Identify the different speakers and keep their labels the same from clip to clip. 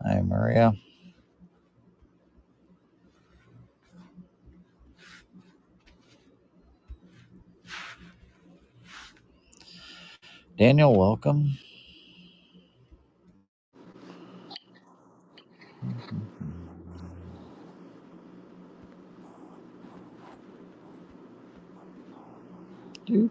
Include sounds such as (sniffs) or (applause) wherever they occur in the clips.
Speaker 1: Hi, Maria. Daniel, welcome. (sighs)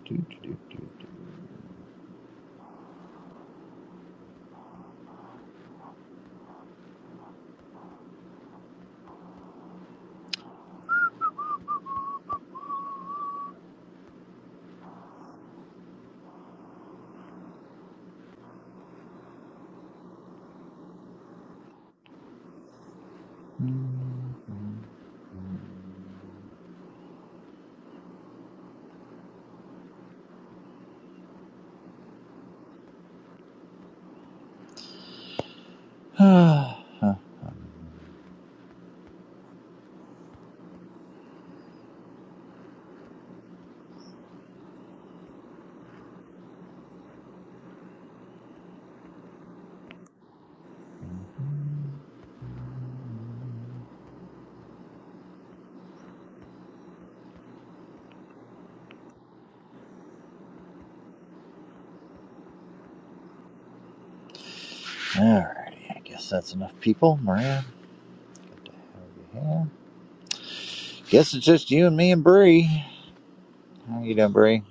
Speaker 1: Alrighty, I guess that's enough people. Maria, over here. Guess it's just you and me and Bree. How you doing, Bree?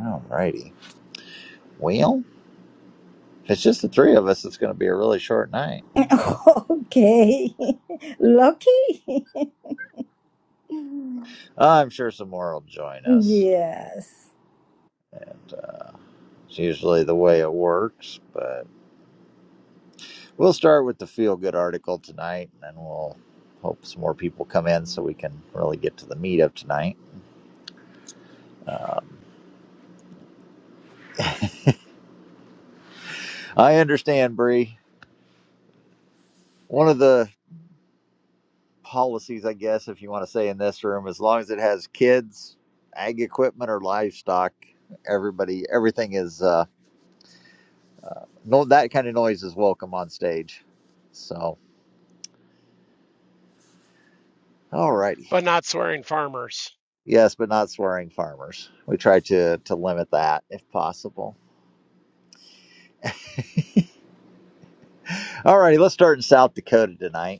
Speaker 1: Alrighty. Well, if it's just the three of us, it's going to be a really short night.
Speaker 2: (laughs) Okay. (laughs) Lucky?
Speaker 1: I'm sure some more will join us.
Speaker 2: Yes.
Speaker 1: And uh, it's usually the way it works, but We'll start with the feel good article tonight, and then we'll hope some more people come in so we can really get to the meat of tonight. Um, I understand, Bree. One of the policies, I guess, if you want to say in this room, as long as it has kids, ag equipment, or livestock, everybody, everything is uh, no that kind of noise is welcome on stage. So, alrighty,
Speaker 3: but not swearing farmers.
Speaker 1: yes, but not swearing farmers. We try to to limit that if possible. Alrighty, let's start in South Dakota tonight.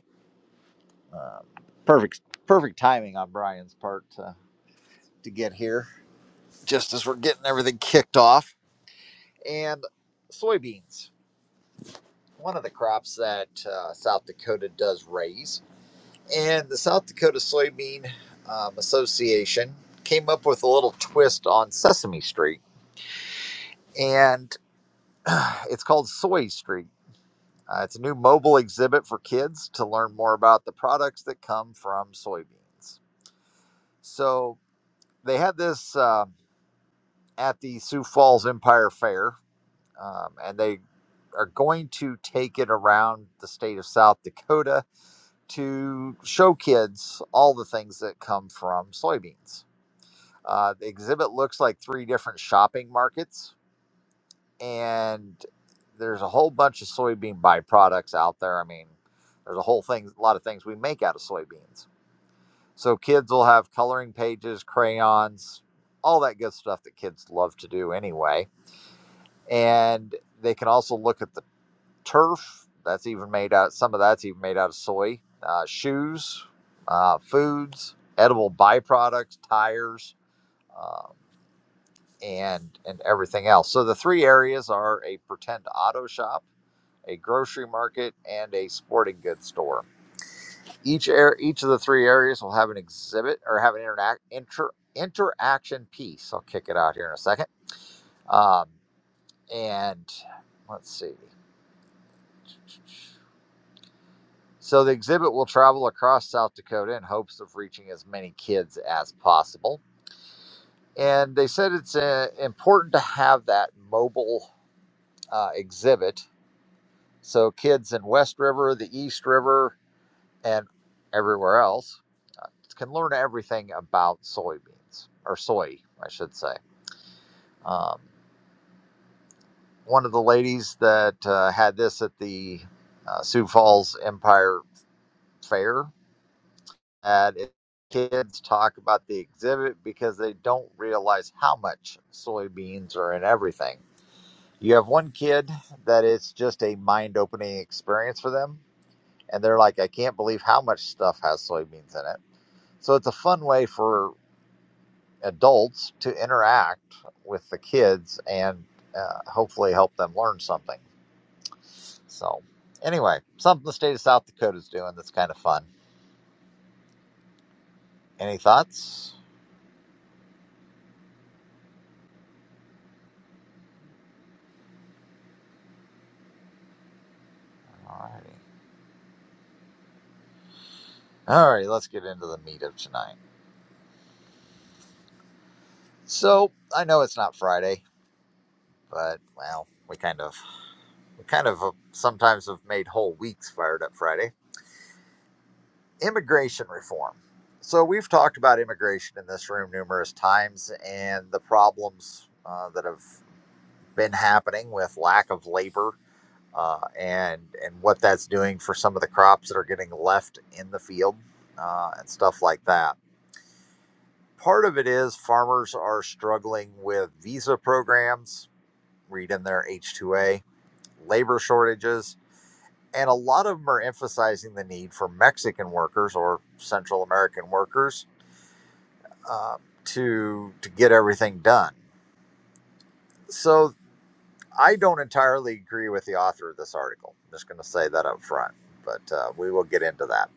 Speaker 1: Um, perfect, perfect timing on Brian's part to, to get here, just as we're getting everything kicked off. And soybeans, one of the crops that uh, South Dakota does raise. And the South Dakota Soybean um, Association came up with a little twist on Sesame Street, and (clears throat) (sighs) it's called Soy Street. Uh, it's a new mobile exhibit for kids to learn more about the products that come from soybeans. So they had this. um at the Sioux Falls Empire Fair, um, and they are going to take it around the state of South Dakota to show kids all the things that come from soybeans. Uh, the exhibit looks like three different shopping markets, and there's a whole bunch of soybean byproducts out there. I mean, there's a whole thing, a lot of things we make out of soybeans. So kids will have coloring pages, crayons, all that good stuff that kids love to do anyway and they can also look at the turf. That's even made out. Some of that's even made out of soy. Uh, shoes, uh, foods, edible byproducts, tires, um, and and everything else. So the three areas are a pretend auto shop, a grocery market, and a sporting goods store. Each air, each of the three areas will have an exhibit or have an interact inter, interaction piece. I'll kick it out here in a second. Um, and let's see. So the exhibit will travel across South Dakota in hopes of reaching as many kids as possible. And they said it's uh, important to have that mobile uh, exhibit so kids in West River, the East River, and everywhere else uh, can learn everything about soybeans or soy, I should say. Um, one of the ladies that uh, had this at the uh, Sioux Falls Empire Fair And if kids talk about the exhibit because they don't realize how much soybeans are in everything. You have one kid that it's just a mind opening experience for them, and they're like, I can't believe how much stuff has soybeans in it. So it's a fun way for adults to interact with the kids and uh, hopefully help them learn something. So, anyway, something the state of South Dakota is doing that's kind of fun. Any thoughts? All right. All right, let's get into the meat of tonight. So I know it's not Friday, but well, we kind of, we kind of uh, sometimes have made whole weeks fired up Friday. Immigration reform. So we've talked about immigration in this room numerous times and the problems uh, that have been happening with lack of labor uh, and and what that's doing for some of the crops that are getting left in the field uh, and stuff like that Part of it is farmers are struggling with visa programs, read in their H2A, labor shortages, and a lot of them are emphasizing the need for Mexican workers or Central American workers uh, to to get everything done. So I don't entirely agree with the author of this article. I'm just going to say that up front, but uh, we will get into that.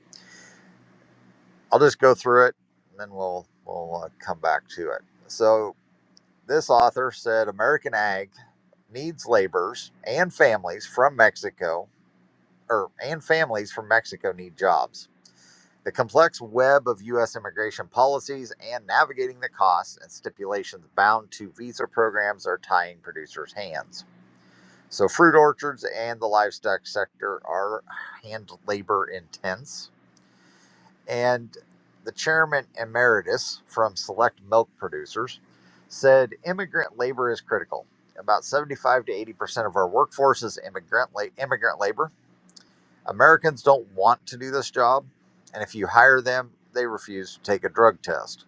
Speaker 1: I'll just go through it, and then we'll we'll uh, come back to it. So This author said American ag needs laborers and families from Mexico, or and families from Mexico need jobs. The complex web of U.S. immigration policies and navigating the costs and stipulations bound to visa programs are tying producers' hands. So, fruit orchards and the livestock sector are hand labor intense and the chairman emeritus from Select Milk Producers said immigrant labor is critical. About 75 to 80% of our workforce is immigrant, la- immigrant labor. Americans don't want to do this job. And if you hire them, they refuse to take a drug test.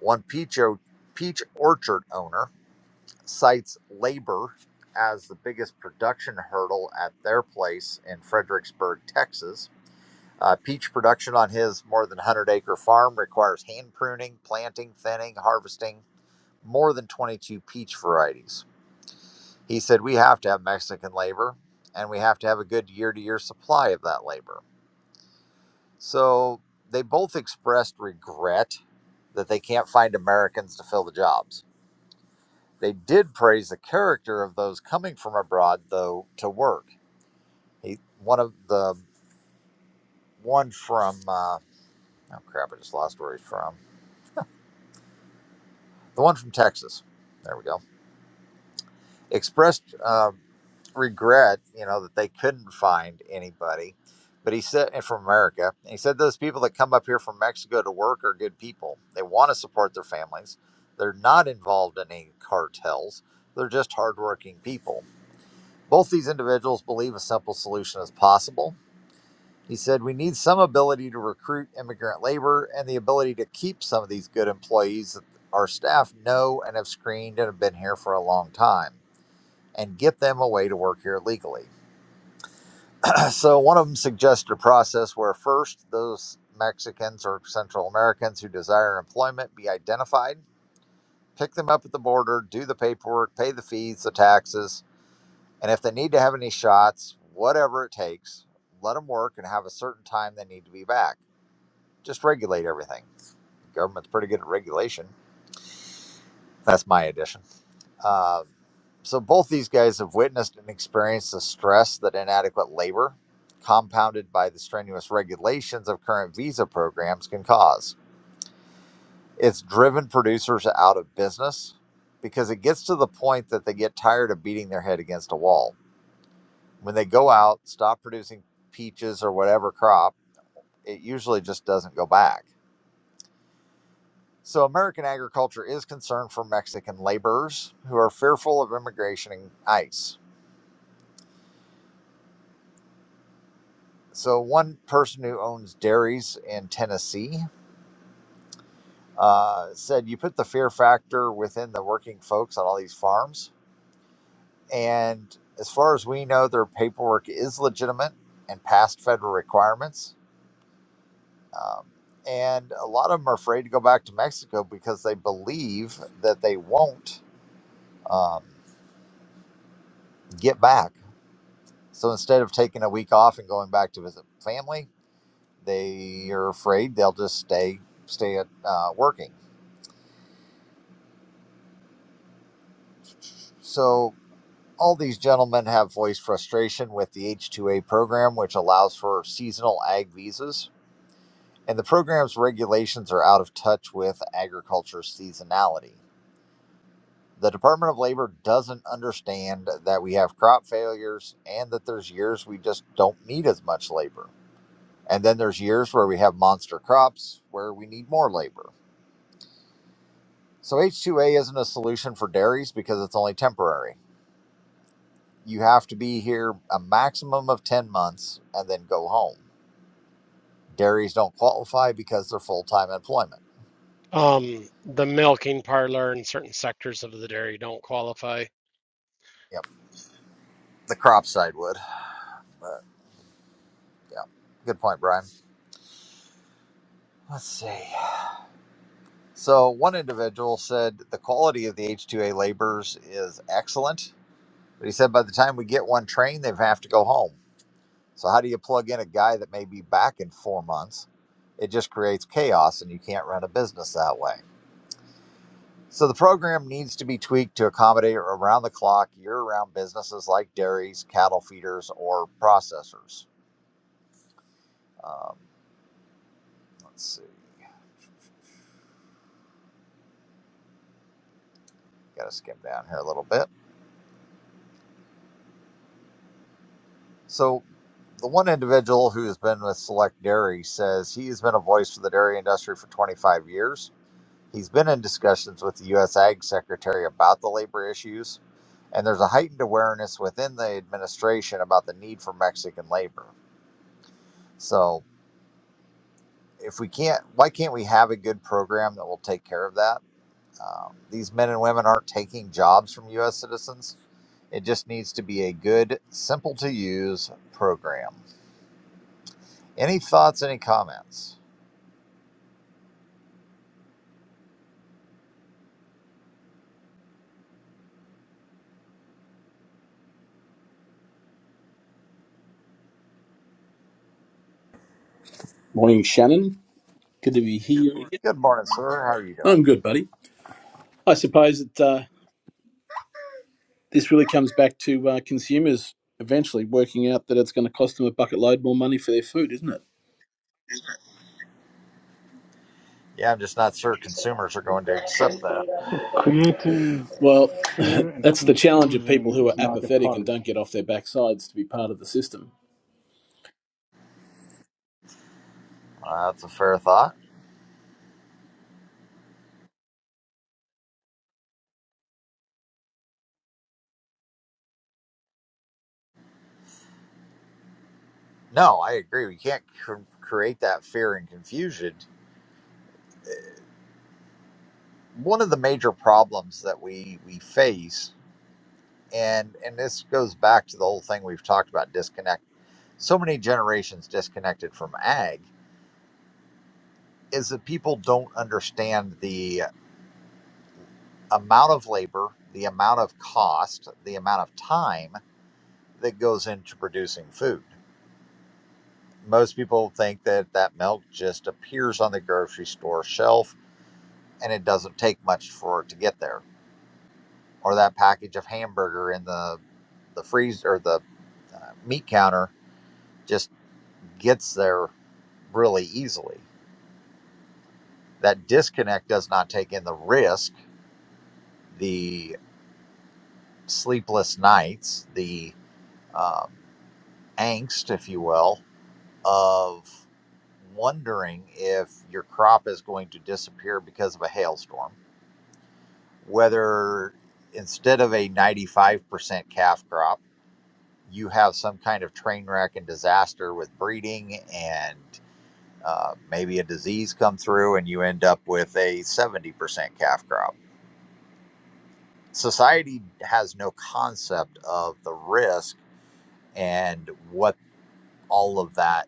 Speaker 1: One peach, o- peach orchard owner cites labor as the biggest production hurdle at their place in Fredericksburg, Texas Uh, peach production on his more than 100 acre farm requires hand pruning, planting, thinning, harvesting more than 22 peach varieties. He said, We have to have Mexican labor and we have to have a good year to year supply of that labor. So they both expressed regret that they can't find Americans to fill the jobs. They did praise the character of those coming from abroad, though, to work. He, one of the one from, uh, oh crap, I just lost where he's from the one from Texas. There we go. Expressed um regret, you know, that they couldn't find anybody. But he said, and from America, and he said those people that come up here from Mexico to work are good people. They want to support their families. They're not involved in any cartels. They're just hardworking people. Both these individuals believe a simple solution is possible he said, We need some ability to recruit immigrant labor and the ability to keep some of these good employees that our staff know and have screened and have been here for a long time and get them a way to work here legally. (clears throat) so, one of them suggested a process where first those Mexicans or Central Americans who desire employment be identified, pick them up at the border, do the paperwork, pay the fees, the taxes, and if they need to have any shots, whatever it takes, let them work and have a certain time they need to be back Just regulate everything. The government's pretty good at regulation. That's my addition. Uh, so both these guys have witnessed and experienced the stress that inadequate labor, compounded by the strenuous regulations of current visa programs, can cause. It's driven producers out of business because it gets to the point that they get tired of beating their head against a wall. When they go out, stop producing peaches or whatever crop, it usually just doesn't go back. So, American agriculture is concerned for Mexican laborers who are fearful of immigration and ICE. So, one person who owns dairies in Tennessee uh, said, You put the fear factor within the working folks on all these farms. And as far as we know, their paperwork is legitimate and past federal requirements. Um, and a lot of them are afraid to go back to Mexico because they believe that they won't um, get back So instead of taking a week off and going back to visit family, they are afraid they'll just stay stay at uh, working. So all these gentlemen have voiced frustration with the H-2A program, which allows for seasonal ag visas, and the program's regulations are out of touch with agriculture seasonality. The Department of Labor doesn't understand that we have crop failures and that there's years we just don't need as much labor. And then there's years where we have monster crops where we need more labor. So H2A isn't a solution for dairies because it's only temporary. You have to be here a maximum of 10 months and then go home. Dairies don't qualify because they're full time employment.
Speaker 3: Um, the milking parlor and certain sectors of the dairy don't qualify.
Speaker 1: Yep, the crop side would. But yeah, good point, Brian. Let's see. So one individual said the quality of the H2A laborers is excellent, but he said by the time we get one trained, they have to go home. So how do you plug in a guy that may be back in four months? It just creates chaos, and you can't run a business that way. So the program needs to be tweaked to accommodate around the clock, year round businesses like dairies, cattle feeders, or processors. Um, let's see, got to skim down here a little bit. So the one individual who has been with Select Dairy says he has been a voice for the dairy industry for 25 years. He's been in discussions with the U.S. Ag Secretary about the labor issues, and there's a heightened awareness within the administration about the need for Mexican labor. So if we can't, why can't we have a good program that will take care of that? Um, these men and women aren't taking jobs from U.S. citizens. It just needs to be a good, simple to use program. Any thoughts, any comments?
Speaker 4: Morning, Shannon. Good to be here again.
Speaker 1: Good morning, sir. How are you doing?
Speaker 4: I'm good, buddy. I suppose that uh, this really comes back to uh, consumers eventually working out that it's going to cost them a bucket load more money for their food, isn't it?
Speaker 1: Yeah, I'm just not sure consumers are going to accept that.
Speaker 5: Creating
Speaker 4: Well,
Speaker 5: fear
Speaker 4: (laughs)
Speaker 5: and
Speaker 4: that's the challenge of people
Speaker 5: confusion
Speaker 4: who are
Speaker 5: is not a
Speaker 4: apathetic and don't
Speaker 5: policy.
Speaker 4: get off their backsides to be part of the system.
Speaker 1: Uh, that's a fair thought. No, I agree. We can't cr- create that fear and confusion. One of the major problems that we, we face and and this goes back to the whole thing we've talked about disconnect so many generations disconnected from ag is that people don't understand the amount of labor the amount of cost the amount of time that goes into producing food most people think that that milk just appears on the grocery store shelf and it doesn't take much for it to get there or that package of hamburger in the the freezer or the uh, meat counter just gets there really easily. That disconnect does not take in the risk, the sleepless nights, the um, angst, if you will, of wondering if your crop is going to disappear because of a hailstorm, whether instead of a 95% calf crop, you have some kind of train wreck and disaster with breeding and uh, maybe a disease come through and you end up with a 70% calf crop society has no concept of the risk and what all of that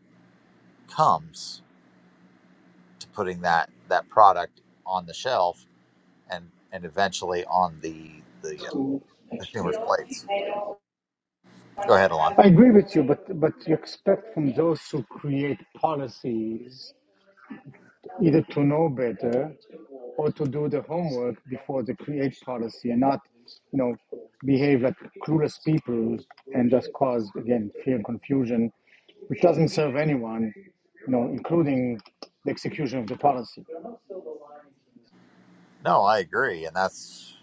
Speaker 1: comes to putting that that product on the shelf and and eventually on the the consumer's plates. Go ahead, Alon.
Speaker 5: I agree with you, but but you expect from those who create policies either to know better or to do the homework before they create policy and not, you know, behave like clueless people and just cause again fear and confusion, which doesn't serve anyone, you know, including the execution of the policy.
Speaker 1: No, I agree, and that's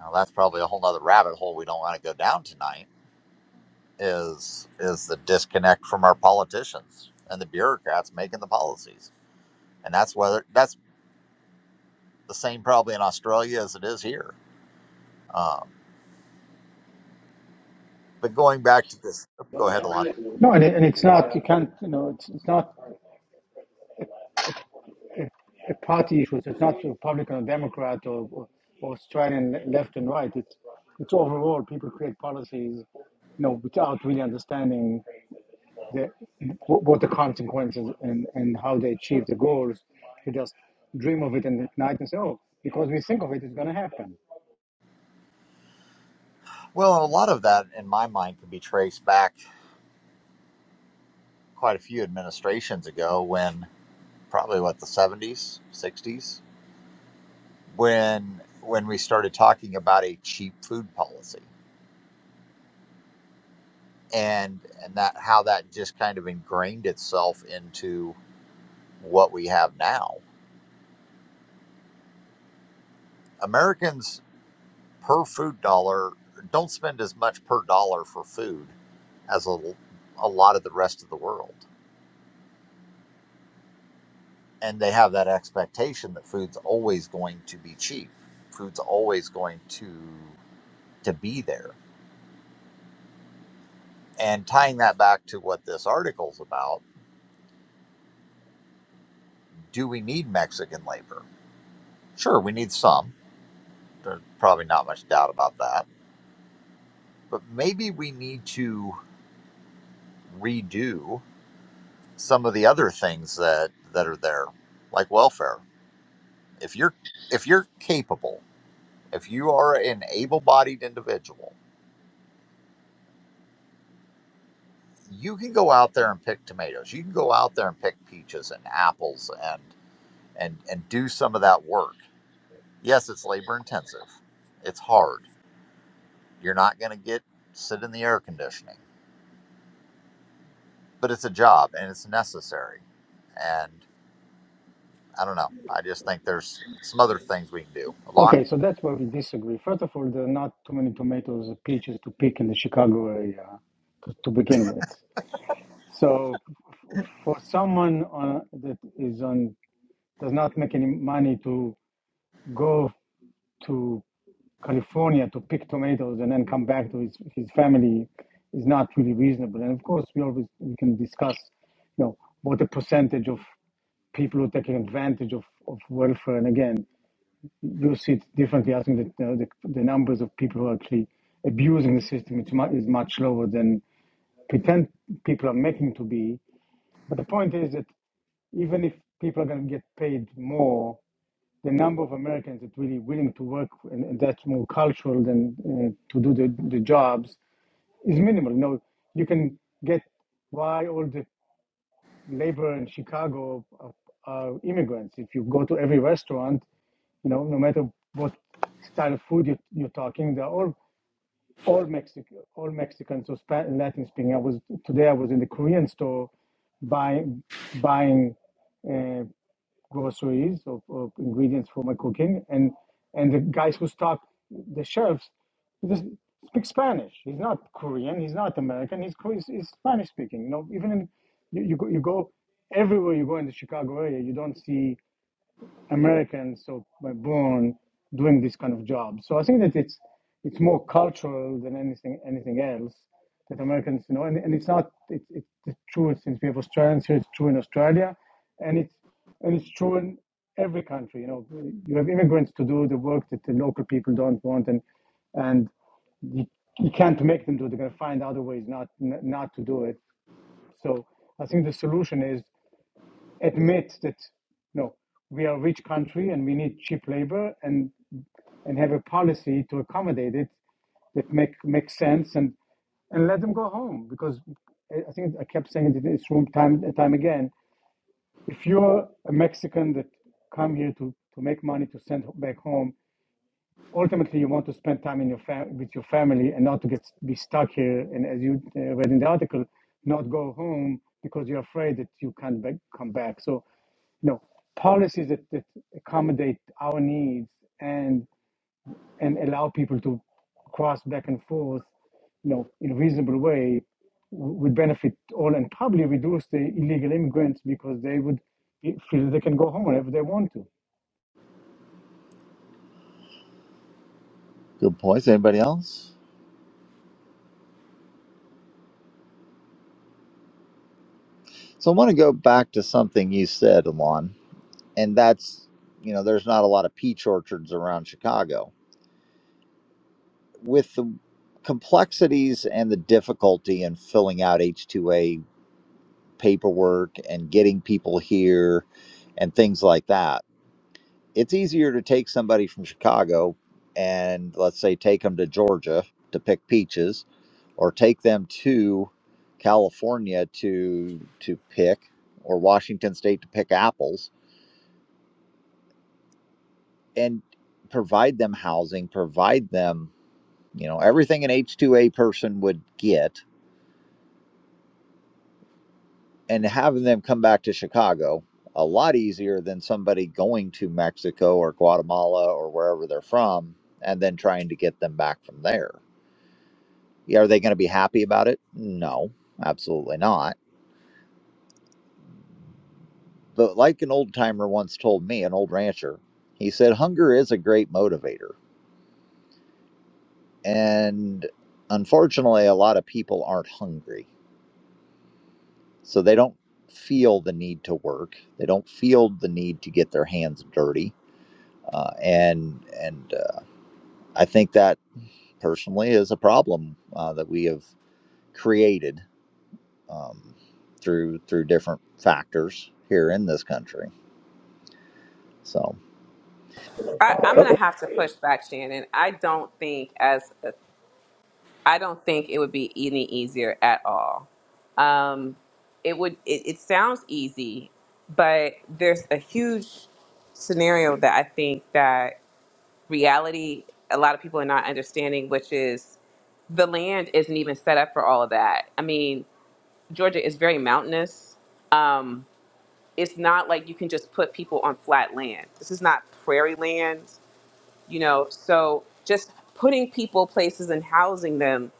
Speaker 1: well, that's probably a whole nother rabbit hole we don't want to go down tonight. Is is the disconnect from our politicians and the bureaucrats making the policies, and that's whether that's the same probably in Australia as it is here Uh, But going back to this, oh, go ahead, Alon.
Speaker 5: No, and, it- and it's not you can't you know it's, it's not party issues. It's not Republican or Democrat or, or or Australian left and right. It's it's overall people create policies, you know, without really understanding the, what the consequences and, and how they achieve the goals. They just dream of it and at night and say, oh, because we think of it, it's going to happen.
Speaker 1: Well, a lot of that, in my mind, can be traced back quite a few administrations ago, when probably what the seventies, sixties, when when we started talking about a cheap food policy, and and that how that just kind of ingrained itself into what we have now. Americans per food dollar don't spend as much per dollar for food as a, a lot of the rest of the world and they have that expectation that food's always going to be cheap food's always going to to be there and tying that back to what this article's about do we need mexican labor sure we need some there's probably not much doubt about that but maybe we need to redo some of the other things that that are there like welfare if you're if you're capable if you are an able-bodied individual you can go out there and pick tomatoes. You can go out there and pick peaches and apples and and and do some of that work. Yes, it's labor intensive. It's hard. You're not going to get sit in the air conditioning, but it's a job and it's necessary. And I don't know. I just think there's some other things we can do. Alon,
Speaker 5: Okay, so that's where we disagree. First of all, there are not too many tomatoes or peaches to pick in the Chicago area to, to begin with. So, f- for someone on, that is on does not make any money to go to California to pick tomatoes and then come back to his, his family is not really reasonable. And of course, we always we can discuss, you know, what the percentage of people who are taking advantage of, of welfare. And again, you see it differently. I think that you know, the, the numbers of people who are actually abusing the system is much, is much lower than pretend people are making to be. But the point is that even if people are going to get paid more the number of Americans that really willing to work and, and that's more cultural than uh, to do the, the jobs is minimal. You know, you can get why all the labor in Chicago are, are immigrants. If you go to every restaurant, you know, no matter what style of food you, you're talking, they're all all Mexican, all Mexicans or Spa- Latin speaking. I was today I was in the Korean store buying buying. uh, groceries of, of ingredients for my cooking, and and the guys who stock the chefs he just speaks Spanish. He's not Korean. He's not American. He's Kore- he's, he's Spanish speaking. You know, even in you, you go you go everywhere you go in the Chicago area, you don't see. Americans, so by born doing this kind of job. So I think that it's it's more cultural than anything anything else that Americans you know, and, and it's not it, it, it's true since we have Australians here, it's true in Australia, and it's and it's true in every country. You know, you have immigrants to do the work that the local people don't want, and and you, you can't make them do. it. They're going to find other ways not not to do it. So I think the solution is admit that no, we are a rich country and we need cheap labor and and have a policy to accommodate it that make makes sense and and let them go home because I think I kept saying in this room time and time again. If you're a Mexican that come here to to make money to send back home, ultimately you want to spend time in your fam- with your family and not to get be stuck here and as you uh, read in the article not go home because you're afraid that you can't back, come back so you know policies that, that accommodate our needs and and allow people to cross back and forth you know in a reasonable way w- would benefit all and probably reduce the illegal immigrants because they would eh, feel they can go home whenever they want to
Speaker 1: Good points. Anybody else? So I want to go back to something you said, Alon, and that's you know there's not a lot of peach orchards around Chicago. with the complexities and the difficulty in filling out H2A paperwork and getting people here and things like that, it's easier to take somebody from Chicago and let's say take them to Georgia to pick peaches or take them to California to to pick or Washington state to pick apples and provide them housing, provide them, you know, everything an H2A person would get and having them come back to Chicago a lot easier than somebody going to Mexico or Guatemala or wherever they're from and then trying to get them back from there. Yeah, are they going to be happy about it? No, absolutely not. But like an old timer once told me, an old rancher, he said, hunger is a great motivator. And unfortunately, a lot of people aren't hungry. So they don't feel the need to work, they don't feel the need to get their hands dirty uh, and and I think that personally is a problem uh, that we have created um, through through different factors here in this country. So,
Speaker 6: I, I'm
Speaker 1: Oh.
Speaker 6: gonna have to push back, Shannon. I don't think as I don't think it would be any easier at all. Um, it would. It, it sounds easy, but there's a huge scenario that I think that reality a lot of people are not understanding, which is the land isn't even set up for all of that. I mean, Georgia is very mountainous. Um, it's not like you can just put people on flat land. This is not prairie land you know so just putting people places and housing them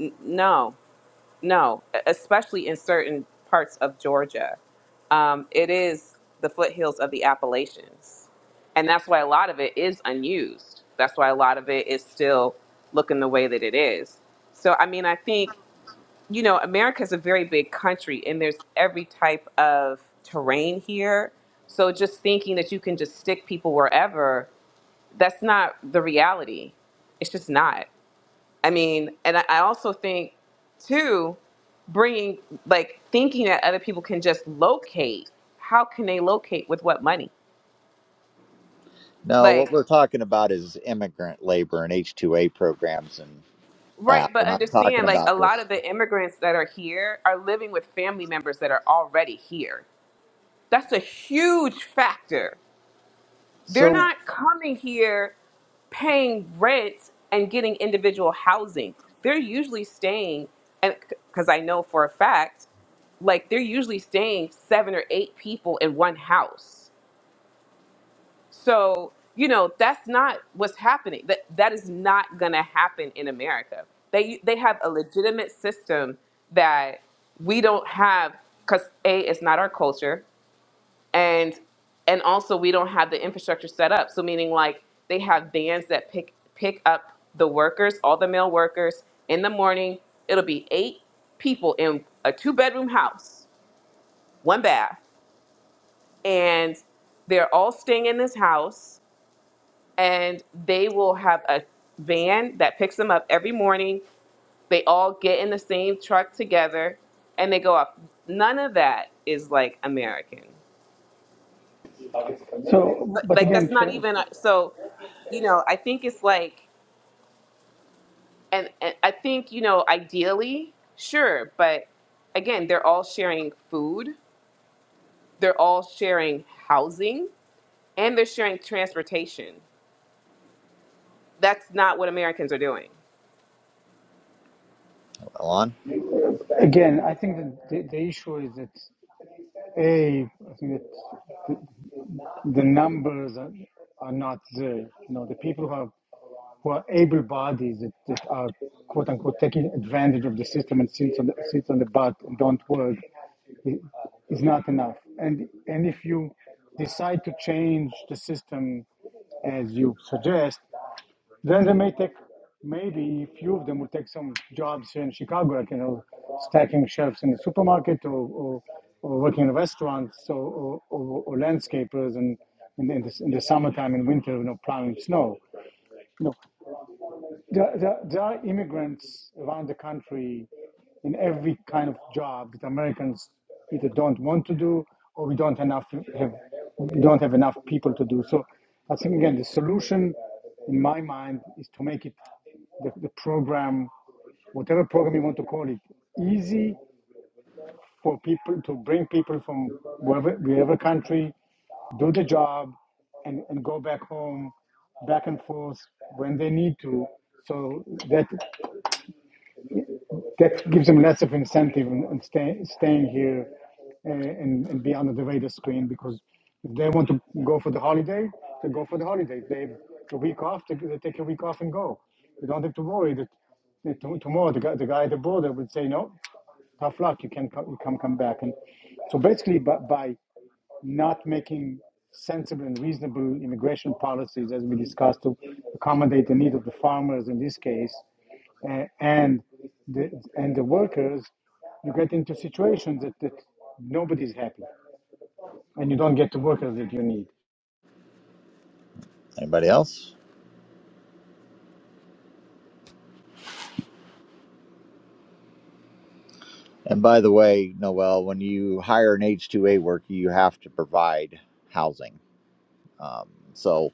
Speaker 6: n- no no e- especially in certain parts of georgia um, it is the foothills of the appalachians and that's why a lot of it is unused that's why a lot of it is still looking the way that it is so i mean i think you know america's a very big country and there's every type of terrain here so just thinking that you can just stick people wherever that's not the reality. It's just not. I mean, and I I also think, too, bringing like thinking that other people can just locate. How can they locate with what money?
Speaker 1: no, what
Speaker 6: Like,
Speaker 1: we're talking about is immigrant labor and H two A programs and
Speaker 6: right,
Speaker 1: that. We're
Speaker 6: but
Speaker 1: not talking
Speaker 6: understand, like, a
Speaker 1: about this.
Speaker 6: lot of the immigrants that are here are living with family members that are already here. That's a huge factor They're
Speaker 1: So,
Speaker 6: not coming here paying rent and getting individual housing. They're usually staying, and because I know for a fact, like they're usually staying seven or eight people in one house. So, you know, that's not what's happening. That that is not going to happen in America. They they have a legitimate system that we don't have cuz A it's not our culture and and also we don't have the infrastructure set up so meaning like they have vans that pick pick up the workers all the male workers in the morning it'll be eight people in a two bedroom house one bath and they're all staying in this house and they will have a van that picks them up every morning they all get in the same truck together and they go up none of that is like american
Speaker 5: so
Speaker 6: but
Speaker 5: but
Speaker 6: like that's
Speaker 5: again
Speaker 6: not even so you know, I think it's like, and, and I think, you know, ideally, sure, but again, they're all sharing food, they're all sharing housing, and they're sharing transportation. That's not what Americans are doing.
Speaker 1: on
Speaker 5: Again, I think that the, the issue is that a I think that the numbers are, are not there. You know, the people who are who are able bodies that, that are quote unquote taking advantage of the system and sits on the, sits on the butt and don't work i- is not enough. And and if you decide to change the system as you suggest, then they may take, maybe a few of them will take some jobs in Chicago, like, you know, stacking shelves in the supermarket or, or, or working in restaurants or, or, or, or landscapers and in, in, the, in the summertime and winter, you know, plowing snow. you know. There, there, there are immigrants around the country in every kind of job that Americans either don't want to do or we don't enough have we don't have enough people to do. So I think again the solution in my mind is to make it the, the program, whatever program you want to call it, easy for people to bring people from wherever, wherever country, do the job, and, and go back home, back and forth when they need to. So that that gives them less of incentive in, in stay, staying here uh, and, and be under the radar screen because if they want to go for the holiday, they go for the holiday. If they have a week off, they, they take a week off and go. They don't have to worry that that to- tomorrow the guy, the guy at the border would say no tough luck. You can come, you can come back. And so basically, by, by not making sensible and reasonable immigration policies, as we discussed, to accommodate the need of the farmers in this case, uh, and the and the workers, you get into situations that, that nobody's happy, and you don't get the workers that you need.
Speaker 1: anybody else? And by the way, Noel, when you hire an H two A worker, you have to provide housing. Um, so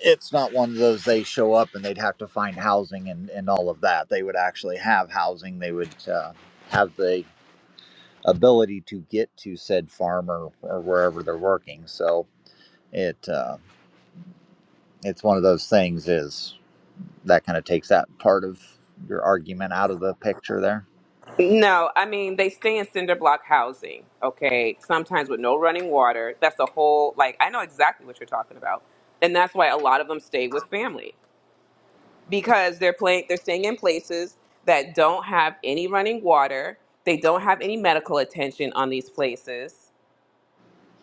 Speaker 1: it's not one of those they show up and they'd have to find housing and, and all of that. They would actually have housing. They would uh, have the ability to get to said farm or, or wherever they're working. So it uh, it's one of those things is that kind of takes that part of your argument out of the picture there.
Speaker 6: No, I mean, they stay in cinder block housing, okay, sometimes with no running water. That's the whole, like, I know exactly what you're talking about. And that's why a lot of them stay with family. because they're playing they're staying in places that don't have any running water they don't have any medical attention on these places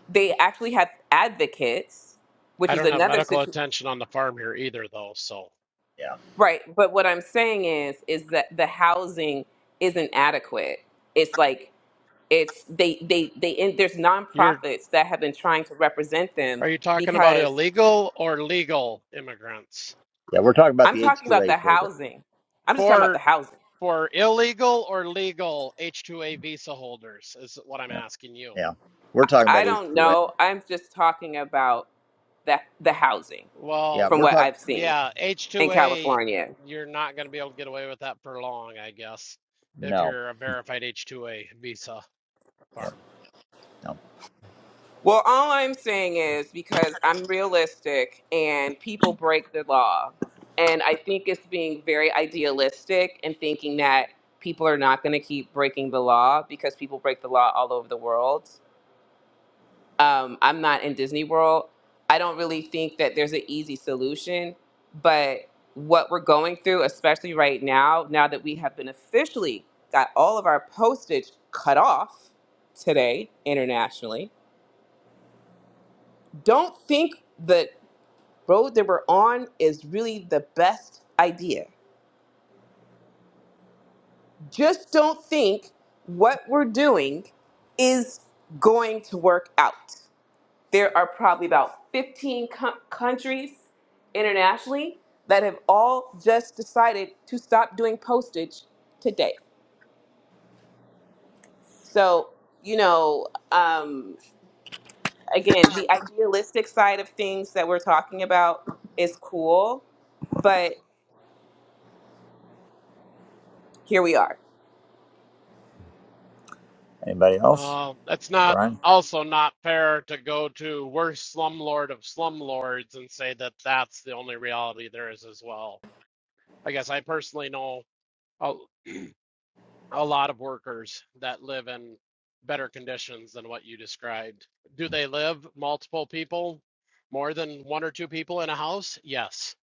Speaker 6: they actually have advocates which
Speaker 3: I
Speaker 6: is
Speaker 3: don't have
Speaker 6: another
Speaker 3: medical
Speaker 6: situation
Speaker 3: attention on the farm here either, though. So
Speaker 1: Yeah.
Speaker 6: right but what i'm saying is is that the housing isn't adequate it's like it's they they they and there's
Speaker 3: you're
Speaker 6: nonprofits that have been trying to represent them
Speaker 3: are you talking about
Speaker 6: because
Speaker 3: illegal or legal immigrants?
Speaker 1: Yeah. We're talking about
Speaker 6: i'm
Speaker 1: the
Speaker 6: talking about the
Speaker 1: H2A program.
Speaker 6: housing i'm just talking about the
Speaker 3: For
Speaker 6: housing
Speaker 3: for illegal or legal H-2A visa holders is what I'm
Speaker 1: Yeah.
Speaker 3: asking you.
Speaker 1: Yeah. We're talking
Speaker 6: i
Speaker 1: about
Speaker 6: don't
Speaker 1: H2A.
Speaker 6: know i'm just talking about the, the housing
Speaker 1: Yeah.
Speaker 3: Well,
Speaker 6: from
Speaker 1: We're
Speaker 6: what
Speaker 1: talking.
Speaker 6: I've seen
Speaker 3: yeah,
Speaker 6: in
Speaker 3: H-2A,
Speaker 6: California.
Speaker 3: you're not going to be able to get away with that for long, I guess, if
Speaker 1: No.
Speaker 3: you're a verified H-2A visa
Speaker 1: Yep.
Speaker 3: farm.
Speaker 1: No.
Speaker 6: Well, all I'm saying is because I'm realistic and people break the law. And I think it's being very idealistic and thinking that people are not going to keep breaking the law because people break the law all over the world. um, I'm not in Disney World. I don't really think that there's an easy solution, but what we're going through, especially right now, now that we have been officially got all of our postage cut off today internationally, don't think the road that we're on is really the best idea. Just don't think what we're doing is going to work out. there are probably about 15 co- countries internationally that have all just decided to stop doing postage today. So, you know, um, again, the idealistic side of things that we're talking about is cool, but here we are.
Speaker 1: Anybody else?
Speaker 3: Uh, that's not
Speaker 1: Brian?
Speaker 3: also not fair to go to worst slumlord of slumlords and say that that's the only reality there is as well. I guess I personally know a, a lot of workers that live in better conditions than what you described. Do they live multiple people, more than one or two people in a house? Yes.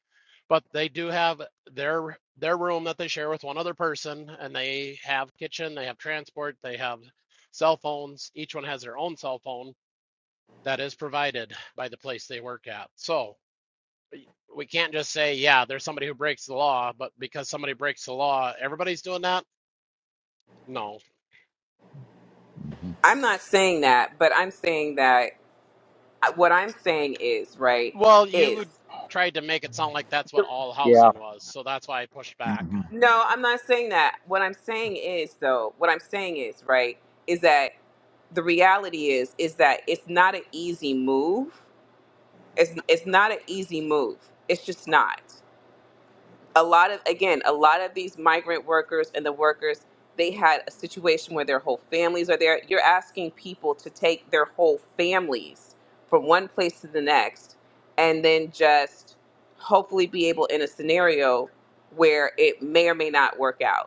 Speaker 3: But they do have their their room that they share with one other person and they have kitchen, they have transport, they have cell phones. Each one has their own cell phone that is provided by the place they work at. So we can't just say, yeah, there's somebody who breaks the law, but because somebody breaks the law, everybody's doing that? No.
Speaker 1: hmm
Speaker 6: I'm not saying that, but I'm saying that uh, what I'm saying is, right,
Speaker 3: Well,
Speaker 6: is.
Speaker 3: you tried to make it sound like that's what all
Speaker 1: Yeah.
Speaker 3: housing was. So that's why I pushed back.
Speaker 1: hmm
Speaker 6: No, I'm not saying that. What I'm saying is, though, what I'm saying is, right, is that the reality is is that it's not an easy move. It's it's not an easy move. It's just not. A lot of again, a lot of these migrant workers and the workers, they had a situation where their whole families are there. You're asking people to take their whole families from one place to the next and then just hopefully be able in a scenario where it may or may not work out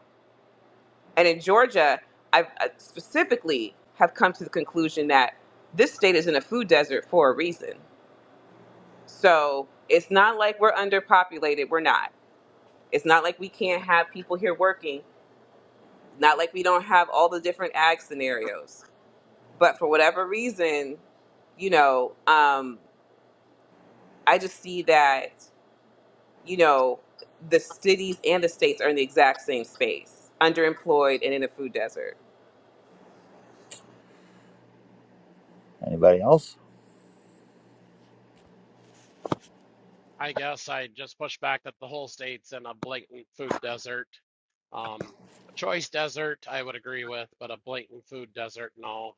Speaker 6: and in Georgia, I've I specifically have come to the conclusion that this state is in a food desert for a reason. So it's not like we're underpopulated. We're not. It's not like we can't have people here working. Not like we don't have all the different ag scenarios. But for whatever reason, you know, um, I just see that, you know, the cities and the states are in the exact same space, underemployed and in a food desert.
Speaker 1: Anybody else?
Speaker 3: I guess I just pushed back that the whole state's in a blatant food desert. Um, a choice desert, I would agree with, but a blatant food desert, no.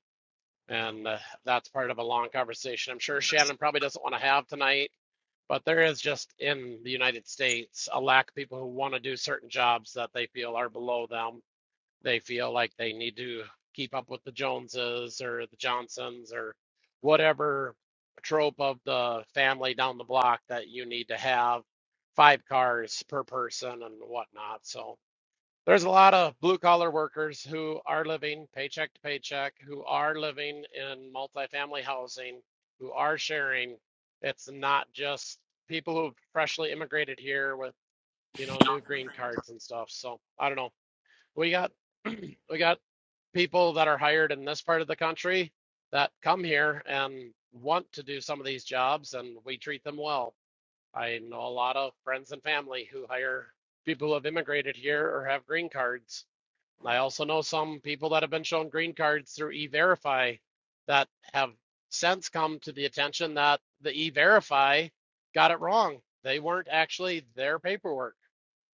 Speaker 3: And uh, that's part of a long conversation I'm sure Shannon probably doesn't want to have tonight. But there is just in the United States a lack of people who want to do certain jobs that they feel are below them. They feel like they need to keep up with the Joneses or the Johnsons or whatever trope of the family down the block that you need to have five cars per person and whatnot. So there's a lot of blue collar workers who are living paycheck to paycheck, who are living in multifamily housing, who are sharing. It's not just people who freshly immigrated here with, you know, new green cards and stuff. So I don't know. We got (clears throat) we got people that are hired in this part of the country that come here and want to do some of these jobs and we treat them well. I know a lot of friends and family who hire people who have immigrated here or have green cards I also know some people that have been shown green cards through E-Verify that have since come to the attention that the E-Verify got it wrong. They weren't actually their paperwork,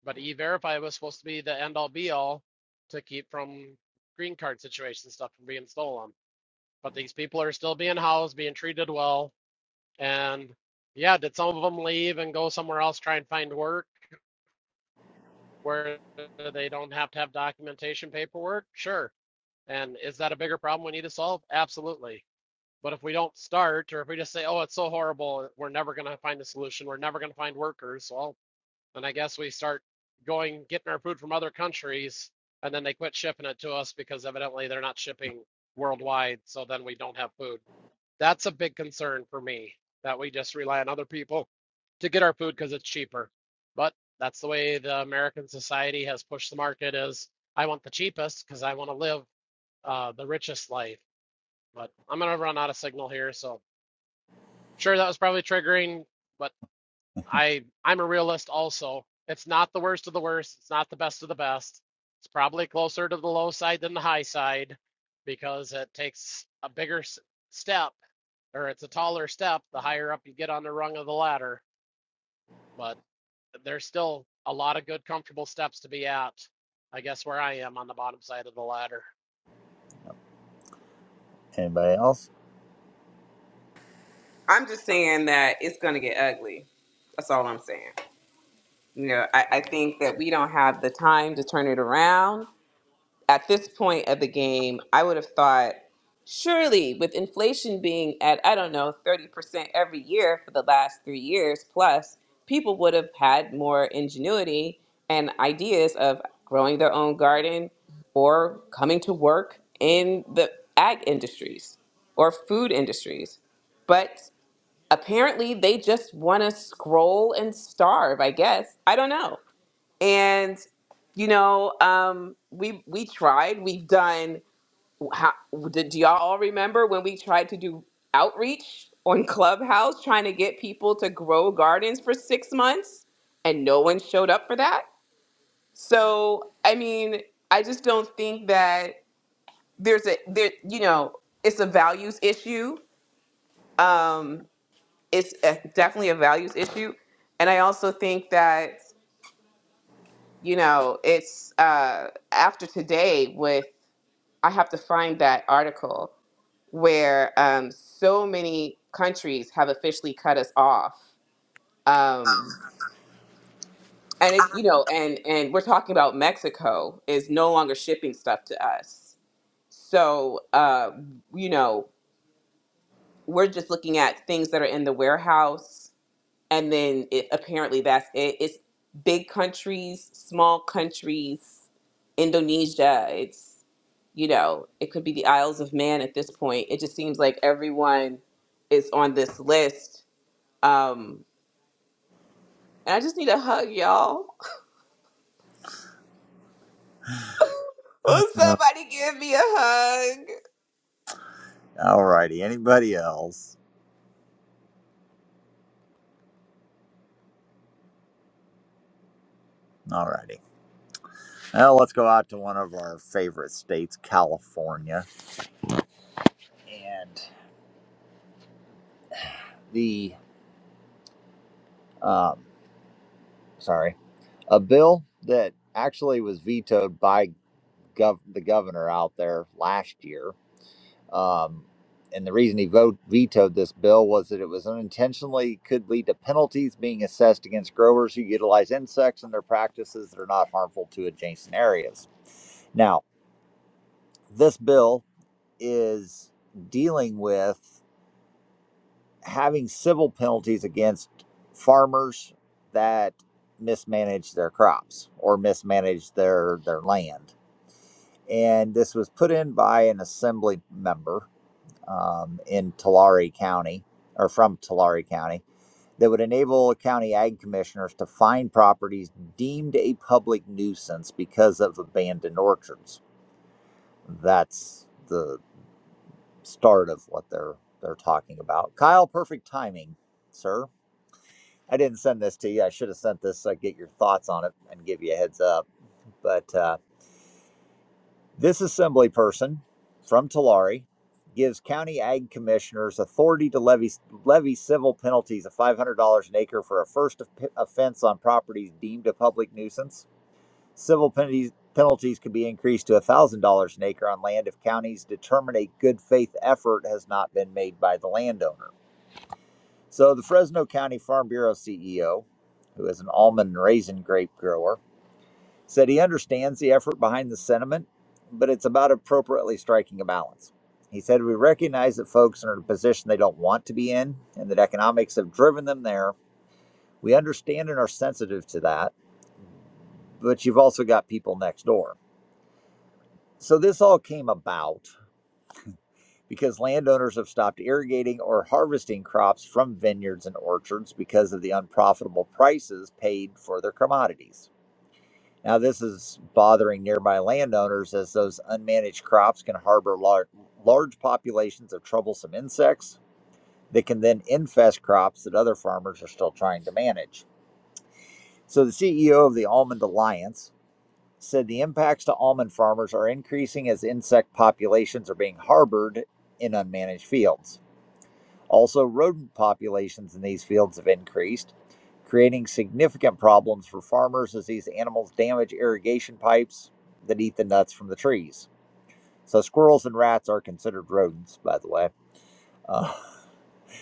Speaker 3: but E-Verify was supposed to be the end all be all to keep from green card situation stuff from being stolen. But these people are still being housed, being treated well, and yeah, did some of them leave and go somewhere else try and find work where they don't have to have documentation paperwork? Sure and is that a bigger problem we need to solve? Absolutely. But if we don't start, or if we just say, oh, it's so horrible, we're never going to find a solution, we're never going to find workers, well, then I guess we start going, getting our food from other countries, and then they quit shipping it to us because evidently they're not shipping worldwide. So then we don't have food. That's a big concern for me that we just rely on other people to get our food because it's cheaper. But that's the way the American society has pushed the market is I want the cheapest because I want to live uh, the richest life. But I'm gonna run out of signal here, so sure that was probably triggering, but I I'm a realist also. It's not the worst of the worst. It's not the best of the best. It's probably closer to the low side than the high side because it takes a bigger step or it's a taller step the higher up you get on the rung of the ladder. But there's still a lot of good, comfortable steps to be at. I guess where I am on the bottom side of the ladder.
Speaker 1: Anybody else?
Speaker 6: I'm just saying that it's going to get ugly. That's all I'm saying. You know, I, I think that we don't have the time to turn it around. At this point of the game, I would have thought surely with inflation being at, I don't know, 30% every year for the last three years plus, people would have had more ingenuity and ideas of growing their own garden or coming to work in the ag industries or food industries. but apparently they just want to scroll and starve i guess i don't know and you know um, we we tried we've done how, did, do y'all all remember when we tried to do outreach on (laughs) clubhouse trying to get people to grow gardens for six months and no one showed up for that so i mean i just don't think that there's a there you know it's a values issue um it's a, definitely a values issue and i also think that you know it's uh, after today with i have to find that article where um, so many countries have officially cut us off um, and it's you know and and we're talking about mexico is no longer shipping stuff to us so uh, you know we're just looking at things that are in the warehouse and then it, apparently that's it. It's big countries, small countries, Indonesia. It's you know, it could be the Isles of Man at this point. It just seems like everyone is on this list. Um, and I just need a hug, y'all. (laughs) Will
Speaker 1: No.
Speaker 6: somebody give me a hug?
Speaker 1: Alrighty. Anybody else? Alrighty. Well, let's go out to one of our favorite states, California, and the um, sorry, a bill that actually was vetoed by gov- the governor out there last year. Um, and the reason he vote vetoed this bill was that it was unintentionally could lead to penalties being assessed against growers who utilize insects in their practices that are not harmful to adjacent areas. This bill is dealing with having civil penalties against farmers that mismanage their crops or mismanage their their land. And this was put in by an assembly member um, in Tulare County or from Tulare County that would enable county ag commissioners to fine properties deemed a public nuisance because of abandoned orchards. That's the start of what they're they're talking about. Kyle, perfect timing, sir. I didn't send this to you. I should have sent this so I get your thoughts on it and give you a heads up. But uh, this assembly person from Tulare gives county ag commissioners authority to levy levy civil penalties of $500 an acre for a first offense on properties deemed a public nuisance. Civil penalties penalties can be increased to $1,000 an acre on land if counties determine a good faith effort has not been made by the landowner. So, the Fresno County Farm Bureau CEO, who is an almond and raisin grape grower, said he understands the effort behind the sentiment, but it's about appropriately striking a balance. He said, We recognize that folks are in a position they don't want to be in and that economics have driven them there. We understand and are sensitive to that, but you've also got people next door. So, this all came about because landowners have stopped irrigating or harvesting crops from vineyards and orchards because of the unprofitable prices paid for their commodities. Now, this is bothering nearby landowners as those unmanaged crops can harbor lar- large populations of troublesome insects that can then infest crops that other farmers are still trying to manage. So, the CEO of the Almond Alliance said the impacts to almond farmers are increasing as insect populations are being harbored in unmanaged fields. Also, rodent populations in these fields have increased, creating significant problems for farmers as these animals damage irrigation pipes that eat the nuts from the trees. So, squirrels and rats are considered rodents, by the way. Uh,